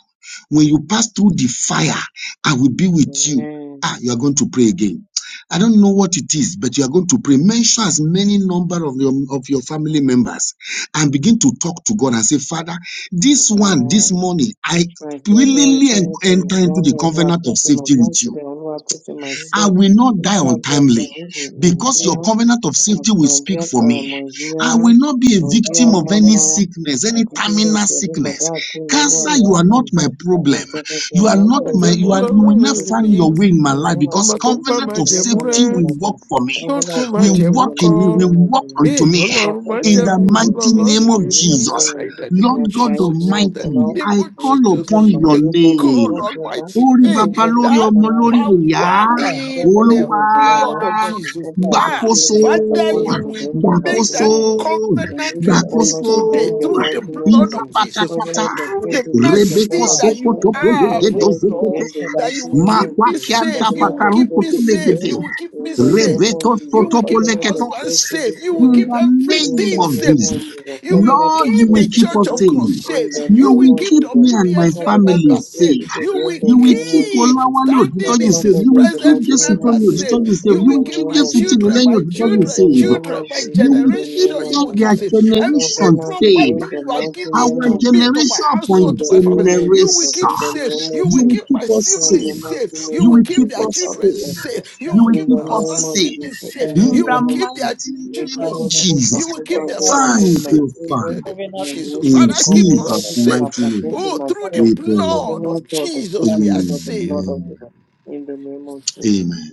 C: When you pass through the fire, I will be with you.
A: Amen.
C: Ah, you are going to pray again. I don't know what it is, but you are going to pray. Mention as many number of your of your family members and begin to talk to God and say, Father, this one, this
A: Ọ̀daràn
C: morning, I
A: Ifeanyi Olúwa
C: willingly
A: ṣé nítorí
C: enter into
A: ìdáná
C: the
A: Olúwa
C: covenant
A: tó
C: of
A: fi mọ̀
C: safety with
A: láti
C: you.
A: bẹ̀rẹ̀ Olúwa tó fi mọ̀
C: I
A: sẹ́ẹ̀.
C: will not
A: In
C: die
A: charge of ẹkùn
C: untimely
A: méjì
C: because
A: Nàìjíríà.
C: your covenant of
A: Ah,
C: safety will
A: Bom
C: speak
A: dia,
C: for
A: Caio.
C: me.
A: Bom
C: I
A: dia.
C: will not be a
A: Bom dia,
C: victim of any
A: Mama.
C: sickness,
A: A
C: any
A: gente vai
C: terminal
A: ser bem
C: sickness.
A: badar aqui, mano, a
C: Cancer, you are
E: Amen.
C: not
A: chuchu.
C: my
E: Amen.
A: Ela
C: problem.
A: já vai ter
C: You are
A: uma
C: not
B: má
E: Amen.
C: my,
A: grande
B: jẹ̀bú
C: you are,
A: coisa
C: you
A: na
C: will not
B: lọ́lọ́run èmi
C: find
A: chuchu.
C: your way in my
A: Minha
C: life
A: mãe não
C: because
B: ọba tó
A: tem
B: ń gbà
A: essa da
C: covenant
B: má
C: of
A: pena,
B: jẹ̀mú
A: tá na
C: safety
B: rẹ́
A: pena,
C: will work
A: assim.
C: for me,
A: Eu
B: tó
A: vou dar
B: tún
A: os
B: máa
C: will
A: peitos
B: jẹ̀mú
C: work
A: de
C: in me,
A: motim,
B: kọ́.
A: de
C: will work
A: motim.
B: Ee,
C: unto me.
A: Ela
B: Ọlọ́run
A: tá
B: máa
C: In
A: bem
C: the
A: aqui,
B: jẹ̀mú
A: os
C: mighty
B: Ọlọ́run
C: name
A: peitos,
C: of
A: minha vida,
B: èmi Father,
C: Jesus,
A: como.
B: in the name
C: Lord
B: of
A: Minha
C: God
A: saída,
B: Jesus in
A: minha
B: the
C: Almighty,
A: vola.
B: name
C: I
B: of
A: I'm
C: call
B: Jesus
C: upon
A: including my
C: your
B: the
A: newborn, my
C: name.
B: God
A: child, everybody,
B: Almighty.
C: Ori
B: Hey,
C: baba lori
B: that
C: omo lori
A: everybody,
B: power
C: iya.
E: Ah,
B: in
E: when
B: the
E: I
C: Olúwa
E: was
A: everybody. I'm
E: by
B: blood
A: just
B: of
E: myself,
A: the
B: Jesus.
A: covenant
E: my
A: of
B: Ah,
A: faith
E: children,
C: gbàkóso
E: what
A: released
E: I
B: Father,
A: upon
E: gave
B: you
A: us
E: it
B: will
E: to,
A: today in the
E: what I
B: make
A: mighty
E: to
C: gbàkóso
A: name
B: that
A: of
E: myself,
A: Jesus.
B: covenant
A: Released
B: with
A: upon
B: me
A: us
C: gbàkóso
A: today
E: children,
B: today
A: in
E: my
A: the
B: through the
E: hand,
A: mighty name of
B: blood
C: ìjà
B: of
A: Jesus.
B: Jesus.
E: I
C: pátápátá
A: Covenant of
B: Through
A: faith
E: say,
B: the
A: released
C: rebeko
A: upon
B: mercy
E: ah,
A: us
B: that
E: the
B: you
C: sokoto
A: today.
E: earth is
C: polege
B: have,
A: Enter
B: oh
E: dead,
A: today
E: it's
C: dozokete
B: Lord,
A: in the
E: not good
B: that
E: as
B: you
A: mighty
B: will
E: once
A: name of
B: keep
C: makwa
B: me
A: Jesus.
C: kianta
B: safe. You
E: I
A: Covenant
B: will
A: of
B: keep
C: pakaruko
A: faith
B: me
C: tó
B: safe.
A: today
B: You will keep
A: in
B: me
A: the name
B: safe.
A: of
C: Rebeto
B: You
A: Jesus.
B: will keep my
A: Covenant of
B: husband
C: Sotopoleketos.
A: faith this
B: safe. You will
C: In
E: went to
B: keep
A: morning
C: the
A: in
C: name
A: the
B: everything
C: of
B: safe.
A: name of
C: Jesus.
A: Jesus.
B: You will
A: Covenant
C: Lord,
A: of
C: you
B: keep
A: faith
C: will
B: the
C: keep
B: church
C: us
A: today
B: of God
C: safe.
A: in
B: safe.
A: the
C: You
B: You
A: name
B: will
C: will
A: of
B: keep
C: keep
A: Jesus.
C: me and my
B: WBSM
A: Covenant
C: family
A: of
B: members
A: faith
B: safe.
C: safe.
A: today
B: You
A: in
B: will
A: the
C: You will
A: name of
C: keep
B: keep
A: Jesus.
C: Olawale
B: standing
C: Odutoju
B: is
A: Covenant
C: safe.
B: his
A: of
C: You
A: the
C: will
A: the
C: keep
A: mighty
B: present
C: Jesse
A: name
B: members
A: of
C: Tomi
B: safe.
A: Jesus,
C: Odutoju safe.
A: in
B: You
C: You
A: the
B: will
C: will
B: keep
C: keep
A: name
B: my
A: of
C: Jesse
A: Jesus,
B: children,
C: Timileyin
B: my
C: Odutoju
A: in
B: children,
A: the
C: safe.
A: name
B: children,
A: of
B: my
A: Jesus,
C: You
A: in
C: will
A: the
C: keep
B: generation.
A: name
B: You
A: of
C: that
B: will keep
C: their
A: Jesus.
B: safe. Every
C: generation
A: Covenant
C: safe.
B: property
A: again, the
B: you have
A: mighty
B: given
A: name
C: Our
B: to
A: of
B: me,
A: Jesus,
B: to my
C: generation
A: in
B: household,
C: upon
A: the
B: to my family,
A: name of
B: you
A: Jesus,
B: will keep
A: in
C: generation.
A: the name
B: safe.
A: of
B: You
C: You
B: will
C: will
B: keep
A: Jesus.
B: my
C: keep us
A: In the
B: siblings
C: safe.
A: mighty
B: safe. You
A: name
C: You
B: will
A: of
C: will
B: keep
C: keep
B: their
A: Jesus,
C: us
A: Father,
B: children
C: safe.
A: that's
E: to
A: God.
B: safe. You
E: my
C: You
B: will
C: will
A: In
B: keep
A: the
B: my
C: keep
E: children,
A: name
B: husband's
C: us
A: of
C: safe.
B: siblings
A: Jesus,
E: my
A: in
B: safe.
A: the
C: In
B: You
C: the
B: will
E: husband,
A: name of
B: keep
C: mighty
A: Jesus.
B: their
A: You
C: name
E: my
B: children
A: keep
C: of
A: us
E: home,
A: close,
B: safe.
A: my
C: Jesus.
B: You will keep
A: husband,
B: their
A: God, my
E: covenant of
B: families
C: Thank
E: the
A: covenant,
B: safe
A: my
C: you,
B: in
A: children,
B: the
C: Father.
B: name of
A: and
E: covenant
A: I'm
E: of
A: going
B: Jesus.
C: In
E: children,
A: to
B: Father,
A: come
B: keep
A: on
B: us
C: Jesus'
E: covenant
A: everything
E: of
A: that
C: mighty
B: safe.
A: pertains to
C: name,
B: Oh, through
E: covenant
B: the
A: myself
E: of
C: we
E: my family.
B: blood
C: pray.
B: of
A: covenant of the
B: Jesus, we are
A: faithfulness of the
B: saved.
A: blood of
C: Amen.
A: the in the name of Jesus.
C: Amen.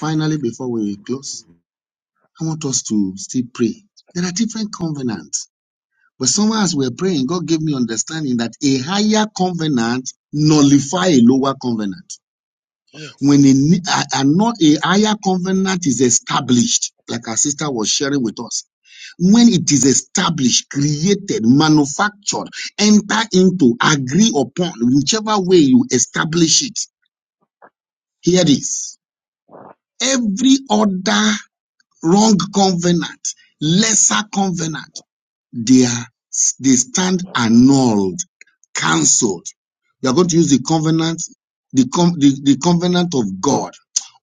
C: Finally, before we close, I want us to still pray. There are different covenants. But someone as we're praying, God gave me understanding that a higher covenant nullify a lower covenant.
E: Yes.
C: when a, a, not a higher covenant is established, like our sister was sharing with us, when it is established, created, manufactured, enter into, agree upon, whichever way you establish it. Here it is. Every order wrong covenant, lesser covenant, they are they stand annulled, cancelled. You are going to use the covenant, the, com, the, the covenant of God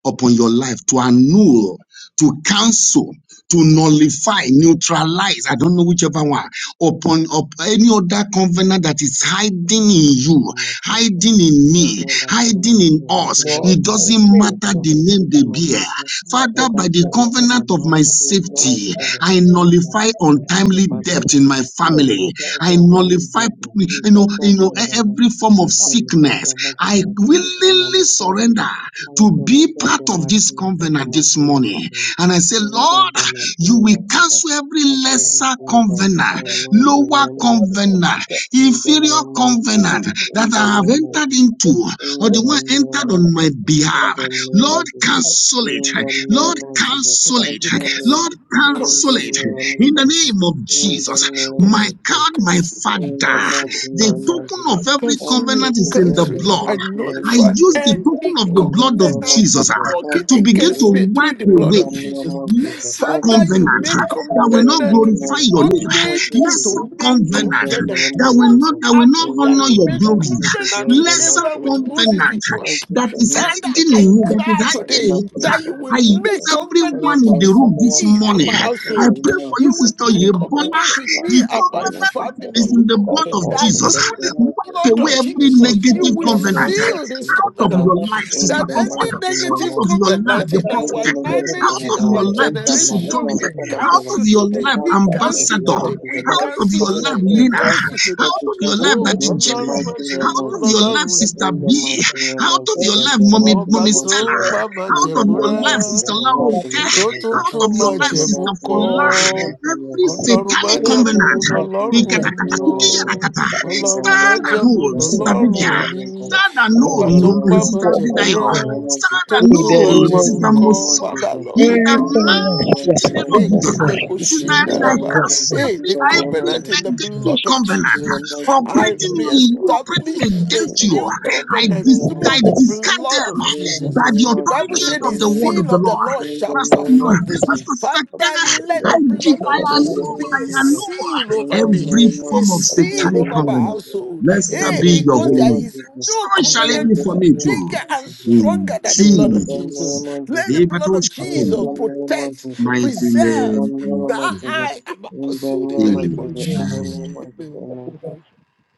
C: upon your life to annul, to cancel, to nullify, neutralize. I don't know whichever one upon up any other
A: Amen. I
C: covenant that is hiding in you, hiding in me, hiding in us.
E: Lord,
C: It
E: I
C: doesn't
E: pray
C: matter
E: that you
C: the name they bear.
E: keep me at
C: Father,
E: all
C: by
A: grant
C: the
A: you the same
E: costs.
C: covenant of my
A: marriage
E: Keep
A: to
E: me
A: love
C: safety,
A: because of my
C: I
A: husband
C: nullify
A: and
E: at
A: Jesus
C: untimely
A: Father
C: death
A: now.
C: in my
A: I am
E: all
A: the
C: family.
A: Messiah
C: I
A: everyone family
C: nullify,
A: body, Jesus
C: you know,
A: Christ,
C: you know, e-
A: whatever.
C: every form of
A: As the Messiah,
C: sickness.
A: the Messiah,
C: I
A: the Messiah, and
C: willingly
A: the
C: surrender
A: Father. I
C: to be
A: surrender
C: part
A: the
C: of this
A: mercy of the
C: covenant this
A: mercy of the
C: morning.
A: King.
C: And I say,
A: Surrender
C: Lord,
A: the
C: you
A: mercy
C: will
A: of the King.
C: cancel every
A: I give you
E: costs.
C: lesser
A: thanks in
C: covenant,
A: the
C: lower
E: the number of
A: Jesus.
C: covenant,
E: steps
A: In the
C: inferior
A: name of
E: over
C: covenant
A: Jesus.
C: that
A: In the
C: I have
A: name of
E: the
C: entered
A: Jesus.
C: into,
E: hill,
C: or
A: In
C: the
A: the
C: one
E: every step
A: name
C: entered
A: of
C: on
E: that
C: my
A: Jesus.
E: I
A: In
C: behalf.
A: the name
C: Lord,
A: of
E: take,
C: cancel
E: that
C: it.
A: in
E: is
A: the
E: not
C: Lord,
A: name of Jesus,
B: I
C: cancel
A: I
C: it.
A: call you.
C: Lord,
A: In the
C: cancel
A: name
C: it.
A: of
C: In the
A: Jesus,
C: name of
A: in the
C: Jesus.
A: name
C: My
A: of
C: God,
A: Jesus,
C: my
A: in the
C: Father,
A: mighty
C: the
A: name of
C: token
A: Jesus,
C: of every
A: thank
C: covenant
A: you
C: is
A: today,
C: in the
A: in the
C: blood.
A: mighty name
C: I
B: nullify
A: of
C: use
A: Jesus,
C: the token
B: any
C: of the
A: in the
C: blood of
A: name of
B: covenant
C: Jesus
A: Jesus,
C: ah,
A: thank
B: working
C: to
A: you
C: begin to
B: against
A: today,
B: me through
C: wipe
B: the
A: in
B: blood
C: away
A: the
B: of
A: name
B: Jesus.
A: of Jesus,
C: lesser
A: thank
B: Father,
A: you
B: you
A: today,
C: covenant ah,
B: made
C: that
A: in
C: will not
A: the
B: covenant to
A: name of
C: glorify
B: people.
C: your
B: What
A: Jesus,
C: name,
A: thank
B: made
A: you
B: you to
C: lesser
A: today,
B: make
A: in
C: covenant
A: the
C: ah,
B: covenant?
A: name
C: that
A: of
C: will
B: What
C: not
A: Jesus,
C: that will not
A: in
B: happened
A: the
B: that
C: honor
B: you
A: name
C: your
A: of Jesus,
B: made
A: thank
C: glory,
A: you
B: covenant
A: today, in
B: with
A: the mighty name of
C: lesser
B: Abraham, with
A: Jesus,
B: Moses, with
C: covenant ah,
B: Noah?
A: thank you
C: that
A: for
C: is
A: him,
B: Father,
A: for
C: hiding
A: the
C: in
B: I
C: you, that is
B: cry
A: and
C: hiding
B: today
A: not
C: in us.
A: being
C: ah.
B: that you
A: followed.
B: will
C: I use
B: make
A: Only
C: everyone
B: covenant
C: in
A: for in
C: the
B: with
C: room this
A: covenant
B: me and
C: morning.
A: of
B: my
A: our
C: I
A: kingdom,
B: household.
A: no
C: pray for
A: one to
C: you,
B: You will
C: Sister
A: complete
B: make
A: in
C: Yebola.
A: covenant
B: covenant
A: of
B: with
A: life,
B: me
C: The
B: and my
A: and not to
C: covenant
B: family,
C: is
A: from
B: O
C: in the
E: not
A: call
C: blood
B: Lord.
E: of
C: of
A: forth
B: That
E: God.
A: to
C: Jesus.
A: the
B: through the
A: name of your
C: Wipe
B: blood
C: away
B: of
C: every
A: blessing,
E: I
B: Jesus, you
C: negative
A: in
B: will
A: the
E: immerse
C: covenant.
A: name of
E: myself
B: seal this
E: in
A: Jesus,
C: Out
E: the
C: of
B: covenant.
A: Father,
C: your
E: covenant of
C: life,
E: God.
C: Sister
A: in
B: That
E: I
A: the
E: am
C: Comfort.
B: any
A: mighty name
C: Out
B: negative
C: of
A: of
C: your
E: the
A: Jesus.
C: life,
B: covenant
C: the
B: in
E: covenant
A: In
E: of
A: the
B: our
E: the
C: prophetess.
E: blood of
A: magnificent
B: knowledge,
C: Out
A: of
B: in
C: of
E: Jesus.
A: God,
B: our
C: your
A: the
C: life,
A: enter
E: I
A: my
C: Jason
A: head,
B: generation,
C: Tommy.
A: my
B: we
A: water,
E: pray
A: my
C: Out
A: children.
C: of
B: cancel
C: your
A: We
E: not
B: today.
C: life,
E: to
A: thank
B: We
A: you
E: swallow
A: to the
B: cancel
E: every
A: blood
C: Ambassador.
A: of
B: today. We
A: Jesus,
E: covenant
A: Lord,
C: Out
A: the
C: of
B: cancel
C: your
E: that is not of
C: life,
A: covenant
B: today.
A: of
B: We
E: God
C: Nina.
E: in
A: God,
E: my
B: cancel
E: life.
B: today.
A: that
C: Out
A: we
C: of your
A: thank you
E: From
C: life,
A: to
B: Oh,
E: every
C: Daddy
A: the
C: Jimmy.
B: Ọlọ́run
E: part
B: má
E: of
A: mighty name
C: Out
B: jẹ̀mú
E: sickness
A: of
C: of
E: and
C: your
E: death
A: Jesus.
E: is
C: life,
B: lọ́lọ́run
E: not of
C: Sister
A: In the
C: B.
B: èmi.
A: mighty
E: God.
A: name
C: Out
A: of
C: of
A: Jesus,
C: your
E: Every
A: in
C: life,
A: the
C: Mommy,
E: covenant
A: mighty
E: of
B: Ọba
C: Mommy
A: name of
B: tó
A: Jesus.
C: Stella.
B: ń
E: failure
B: pa
E: and,
B: má
A: In the
C: Out of
B: jẹ̀mú
E: and,
C: your
A: name
E: and,
C: life,
A: of
B: rẹ́
C: Sister
A: Jesus,
E: and
A: I'm not
C: Laroke.
A: going to
E: poverty
B: tó tún
C: Out
E: is
B: tún
C: of
B: máa
C: your
A: In the
C: life,
A: name
B: jẹ̀mú
A: of
C: Sister
A: the
B: kọ́
E: in
A: name
E: the
C: Fola.
A: of
E: name of
A: Jesus, I'm not
E: Jesus.
C: Every
B: ọlọ́run
F: Thank
B: máa
C: satanic
E: Hey,
A: going
B: jẹ̀mú
A: to
E: good
A: the
C: covenant.
A: mighty
E: health,
B: lọ́lọ́run
A: name
E: Lord.
A: of the
B: èmi o
A: name of
E: Hey,
A: Jesus. In
E: good life is
A: the
B: ọlọ́run
E: Lord.
B: máa
C: Stand
A: name of
B: jẹ̀mú
C: alone,
A: Jesus,
E: Hey,
A: the
C: Sister
E: come on, now,
A: mighty
B: lọ́lọ́run
E: this
C: Vivian.
B: èmi
A: name
C: Stand
E: of
C: and
F: you,
B: ọba tó ń
C: rule,
A: of
E: God.
B: pàmò
C: Sister
A: Jesus.
E: Walk
B: jẹ̀mú
E: of
A: In
C: Didayo.
A: the
B: rẹ́
E: God.
A: name of
C: Stand
A: Jesus,
E: In
C: and
B: don't
F: Jesus.
E: the
B: do
A: in
B: my
C: rule,
E: name
A: the
E: of
C: Sister
B: Jebu
E: Jesus.
A: name
B: call,
A: of
C: Musa.
B: Father
A: Jesus.
C: In
B: Lord, in
C: the
E: Every
B: the
A: In the name
B: name
E: prayer that
B: of
E: is
A: of
E: not
C: mighty
A: Jesus.
B: Jesus.
E: of
C: name of
E: God
C: Jesus.
B: Rekele bo
E: is
A: In
C: Sister
A: the
E: not
C: Irene,
A: name
C: I
E: of
B: shindaraba.
E: God.
A: of
C: cancel
B: Hey,
C: every,
B: the
A: the name of Jesus. In the name of
C: every
B: covenant
A: Jesus,
B: in the
C: negative
B: blood of
C: covenant
A: in the name of Jesus. In the
B: Jesus.
A: mighty
B: I
C: operating in you, operating
B: reestablish
A: name of Jesus. In the mighty name of Jesus. In the
B: a
C: against
A: name
C: you.
A: of
B: new
A: Jesus,
C: I,
B: covenant
C: dis-
B: through
C: I
B: the
A: in
C: discard
B: blood
C: them
E: In the
B: of
A: the
E: name of
C: by
A: name
C: the
B: Jesus. The Bible
C: authority
A: of
B: said the
C: of the
A: Jesus.
C: word of
B: zeal
C: the
B: of the
C: Lord.
B: Lord
A: In the
B: shall
A: name of
C: Pastor,
B: perform this.
E: Jesus.
A: Jesus.
C: Pastor
B: Father,
C: Sakana,
B: let
E: Come on,
C: I,
B: the
E: come
C: dig-
B: blood
C: I
B: of
A: In
E: on,
A: the
E: heaven,
A: name
B: Jesus
C: annul,
B: be
C: I
A: of
B: a
A: Jesus.
C: annul
B: seal
A: In
B: over
A: the
B: me,
C: every
A: name
B: a
A: of
C: form of
A: Jesus.
E: come on,
B: seal
C: satanic
B: over my
E: heaven,
C: covenant.
A: In
B: household.
C: Blessed
B: Hey,
A: the
C: be
E: Jesus.
C: your
B: because
C: holy
A: name
B: there
C: name.
A: of
B: is
A: Jesus.
C: So
B: no
E: In
C: shall
E: the
C: it
A: In
C: be
B: covenant
E: name
A: the
C: for
E: of
C: me
A: name
B: bigger
C: too.
B: and stronger
C: In
B: than the blood of Jesus.
C: Jesus.
A: of
B: Let the
C: The
A: Jesus.
B: blood of
C: Patosh
A: In the name of Jesus. In
B: Jesus
A: the
C: coming.
A: name of
B: protect,
A: Jesus.
C: Mighty
A: In the name
B: preserve
C: name we
A: of
B: my
A: Jesus. In the name of Jesus.
C: pray.
B: eye and my
A: In the
B: household in
A: name
B: the
A: of
B: name
A: Jesus.
B: of
A: In
B: Jesus.
C: Amen.
A: the
B: Amen.
A: name of
E: Amen.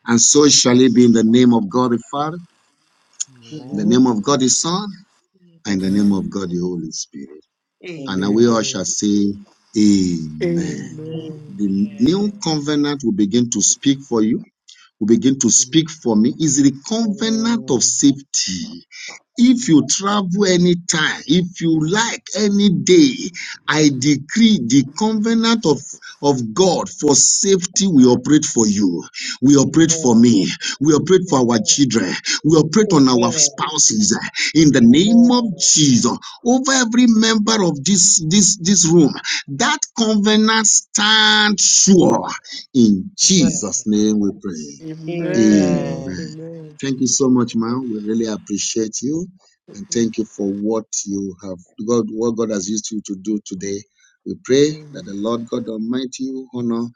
C: And so shall it be in the name of God the Father, in the
A: Jesus.
C: name of God the Son, and in the name
A: Amen.
C: of God the Holy Spirit. And we
A: Amen.
C: all
B: Amen.
C: shall say, Amen.
A: Amen. Amen.
B: Amen.
C: The new covenant will begin to speak for you, will begin to
A: Amen.
C: speak for me. Is the covenant of
A: Amen.
C: safety
A: Amen.
C: If you travel anytime, if you like any day, I decree the covenant of, of God for safety we operate for you. We
E: Amen.
C: operate for
E: Amen.
C: me. We operate for our
E: Amen.
C: children. We operate on our
E: Amen.
C: spouses. In the name of
E: Amen.
C: Jesus, over every member of this, this, this room, that covenant stands sure. In Jesus'
E: Amen.
C: name we pray.
B: Amen.
C: Amen.
E: Amen.
B: Amen.
C: Thank you so much, ma'am. We really appreciate you and thank you for what you have God what God has used you to do today. We pray that the Lord God Almighty will honor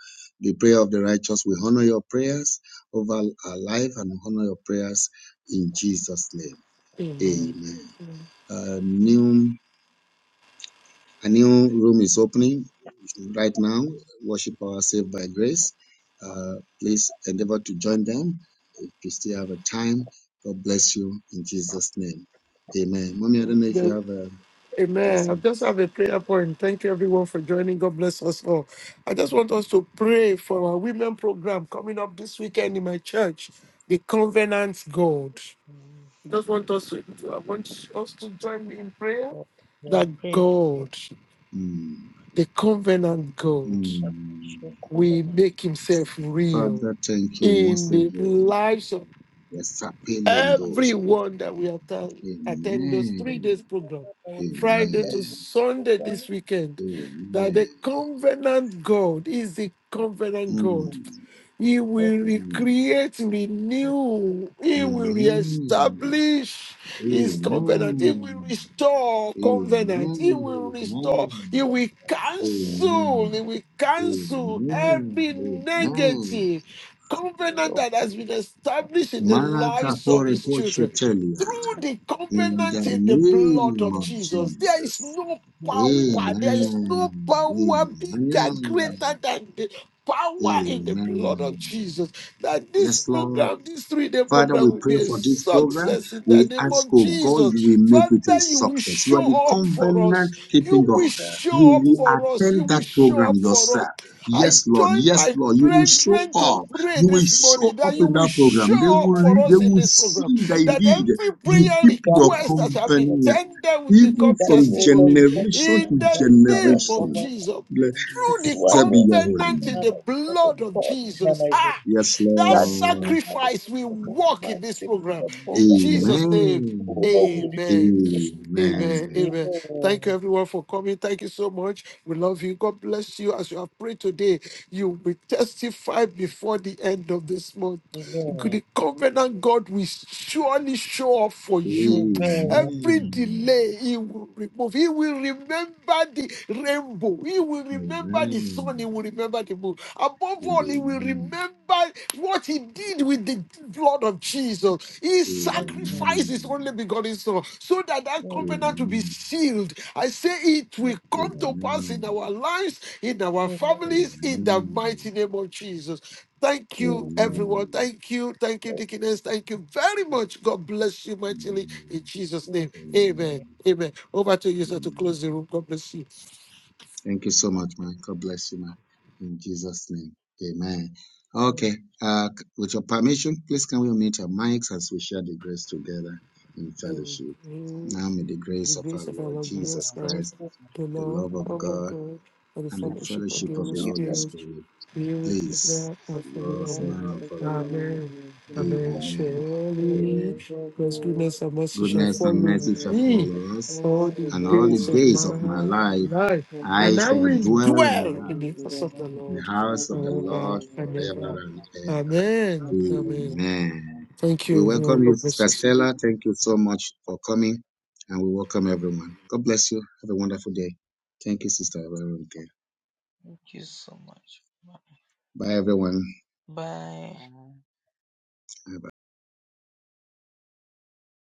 C: the prayer of the righteous. We honor your prayers over our life and honor your prayers in Jesus' name.
B: Amen.
C: Amen. Uh, new a new room is opening right now. Worship Hour Saved by Grace. Uh, please endeavor to join them if you still have a time. God bless you in Jesus' name. Amen. Mommy, I don't know if
B: The,
C: you have a yes,
B: Amen. I
C: ma'am.
B: just have a prayer point. Thank you, everyone, for joining. God bless us all. I just want us to pray for our women program coming up this weekend in my church, the Covenant God. I just want us to, I want us to join me in prayer
E: So we are
B: that
E: praying for
B: God,
C: Mm,
B: the Covenant God,
E: that we should
C: mm.
E: covenant
B: will make Himself
E: with
B: real
E: the
C: Father, thank you
B: in
C: once
B: the
C: again.
B: lives of
E: Lord.
C: Yes, appealing
E: Yeah.
B: everyone that we attend, attend those
E: So
B: three
C: Amen.
B: days program,
E: that I will be
B: Friday
E: available
B: to
E: to
C: Amen.
E: them to
B: Sunday
E: pray
B: this weekend,
E: and to
B: that
E: pray
B: the
C: Amen.
B: covenant God is the covenant God.
C: Mm,
B: He
E: to
B: will
E: the Lord.
C: mm.
B: recreate,
E: That we may
B: renew. He will
C: Amen.
B: reestablish his covenant. He will
C: Amen.
B: restore covenant. He will
C: Amen.
B: restore. He
C: Amen.
B: will
E: be
B: cancel. He
C: Amen.
B: will cancel
C: Amen.
B: every
C: Amen.
B: negative covenant
E: Lord,
B: that has been established in
E: good
B: the
C: Manaka
B: lives of
C: pore
B: his
C: poche
B: children.
C: telia.
B: Through the
E: and
C: In the
B: covenant
E: good
B: in the
E: for
B: blood
C: name
B: of
C: of
E: them.
B: Jesus, there is
C: Jesus.
B: no
E: That we will be
B: power. There
E: good
B: is no
C: Amen.
B: power bigger,
E: that
B: greater
C: Amen.
B: than the power
E: we
B: in the blood of
C: Amen.
B: Jesus that this
C: Yes, Lord.
B: program, this three day
C: Father,
B: program,
C: we
B: will
C: pray
B: be a
C: for this program.
B: success in the
C: We
B: name
C: ask,
B: of
C: oh God,
B: Jesus.
C: you will make it a
B: Father, you will
C: success. You are the
B: show up for us.
C: covenant keeping
B: You will
C: God.
E: can,
C: You
B: show up
C: will
E: uh,
B: for us. You
C: attend
B: will
C: that
B: show
C: program
B: up for
C: yourself.
B: us. I
C: Yes, Lord.
B: join
C: Yes,
B: my
C: Lord. You will show
B: brethren to
C: up.
B: pray
C: You will
B: this morning
C: show up
B: that you
C: in
B: will
C: that program. They
B: show
C: will,
B: up
E: find
B: for
C: re- they
B: us in
C: will
B: this program,
C: see that
E: the
B: that
C: indeed
E: children.
B: every
C: you
B: prayer
E: In
C: keep
E: the
C: your
E: mighty
B: request that shall
E: name
B: be
E: of-
C: covenant,
B: tendered will
C: even
B: become
E: That we
C: from
E: will not be
B: testimony
C: generation
B: in
C: to
E: pursuing
B: the
E: that I am
B: name of
C: generation.
E: covenant.
B: Jesus through the
C: Blessed be
E: swallow and
C: your
E: be
C: holy
B: covenant
E: covered
B: in
E: by
B: the
C: name.
E: the blood of
B: blood of
E: God in my
B: Jesus.
E: life.
B: Ah,
C: Yes,
B: that
E: God, we
C: Lord.
B: sacrifice
E: manifest
B: will
E: the God
B: work
E: my
B: in this
E: sin in
B: program.
E: the
B: In
E: program.
B: Jesus' name,
C: Amen.
E: Whoever will refuse
B: amen.
E: the
F: you
E: sacrifice,
B: Amen.
C: Amen.
B: Amen. Thank you, everyone, for coming. Thank you so much. We love you. God bless you. As you have prayed today, you will testify before the end of this month.
E: amen.
B: The covenant God will surely show up for you.
E: Amen.
B: Every
C: Amen.
B: delay, He will remove. He will remember the rainbow. He will
C: Amen.
B: remember the
C: Amen.
B: sun. He will remember the moon. Above all, He will
C: Amen.
B: remember what what he did with the blood of Jesus. He
E: Amen. Amen.
B: sacrificed his
C: Amen.
B: only begotten son so that that
E: Amen.
B: covenant will be sealed. I say it will come
E: Amen.
B: to pass in
C: Amen. Amen.
B: our lives, in
E: Amen. Amen.
B: our
E: Amen.
B: families, in the mighty name of Jesus. Thank you, everyone.
C: Amen.
B: Thank you. Thank you, Dickiness. Thank you very much. God bless you mightily in Jesus'
E: Amen.
B: name. Amen.
E: Amen.
C: Amen.
B: Amen. Over to you, sir, to
C: Amen.
B: close the room. God bless you.
C: Thank you so much, man. God bless you, man. In Jesus' name. Amen. Okay.
E: Amen.
C: Uh, with your permission, please can we unmute our mics as we share the grace together in fellowship.
B: Amen.
C: Now may the
B: the
C: grace of our
B: grace of our
C: Lord
B: Lord Jesus
C: Jesus
B: Christ,
C: Christ,
F: so
B: the
C: the
B: love
C: love of
B: of
C: God,
B: God, and the
C: and the
B: fellowship of
C: fellowship
B: the
C: of
B: Holy
C: the Holy
B: Spirit
C: Spirit,
B: be with us
C: please,
B: now and
A: Thank
C: with us
B: forevermore.
C: now and forevermore.
B: Amen.
A: you.
B: Amen.
C: Amen.
B: Surely,
C: Amen.
B: God's goodness and mercy shall
C: Goodness and
B: follow
C: mercy shall
B: me
C: follow us,
B: all the
C: and all the
B: days of
C: days
B: my
C: of my life
B: life,
C: I
B: and I
C: shall
B: will
C: dwell in
B: dwell
C: the house
B: in the house of the
C: in the
B: Lord
C: house of the
B: forever
C: Lord
B: and
C: forever
B: ever.
C: and ever.
B: Amen. Amen.
C: Amen.
B: Thank
C: We
B: you, everyone.
C: welcome you,
B: God bless
C: Sister
B: you.
C: Stella. Thank you so much for coming, and we welcome everyone. God bless you. Have a wonderful day. Thank you, Sister Veronica.
E: Thank you so much.
C: Bye, everyone.
E: Bye.
F: Bye.
C: Bye-bye.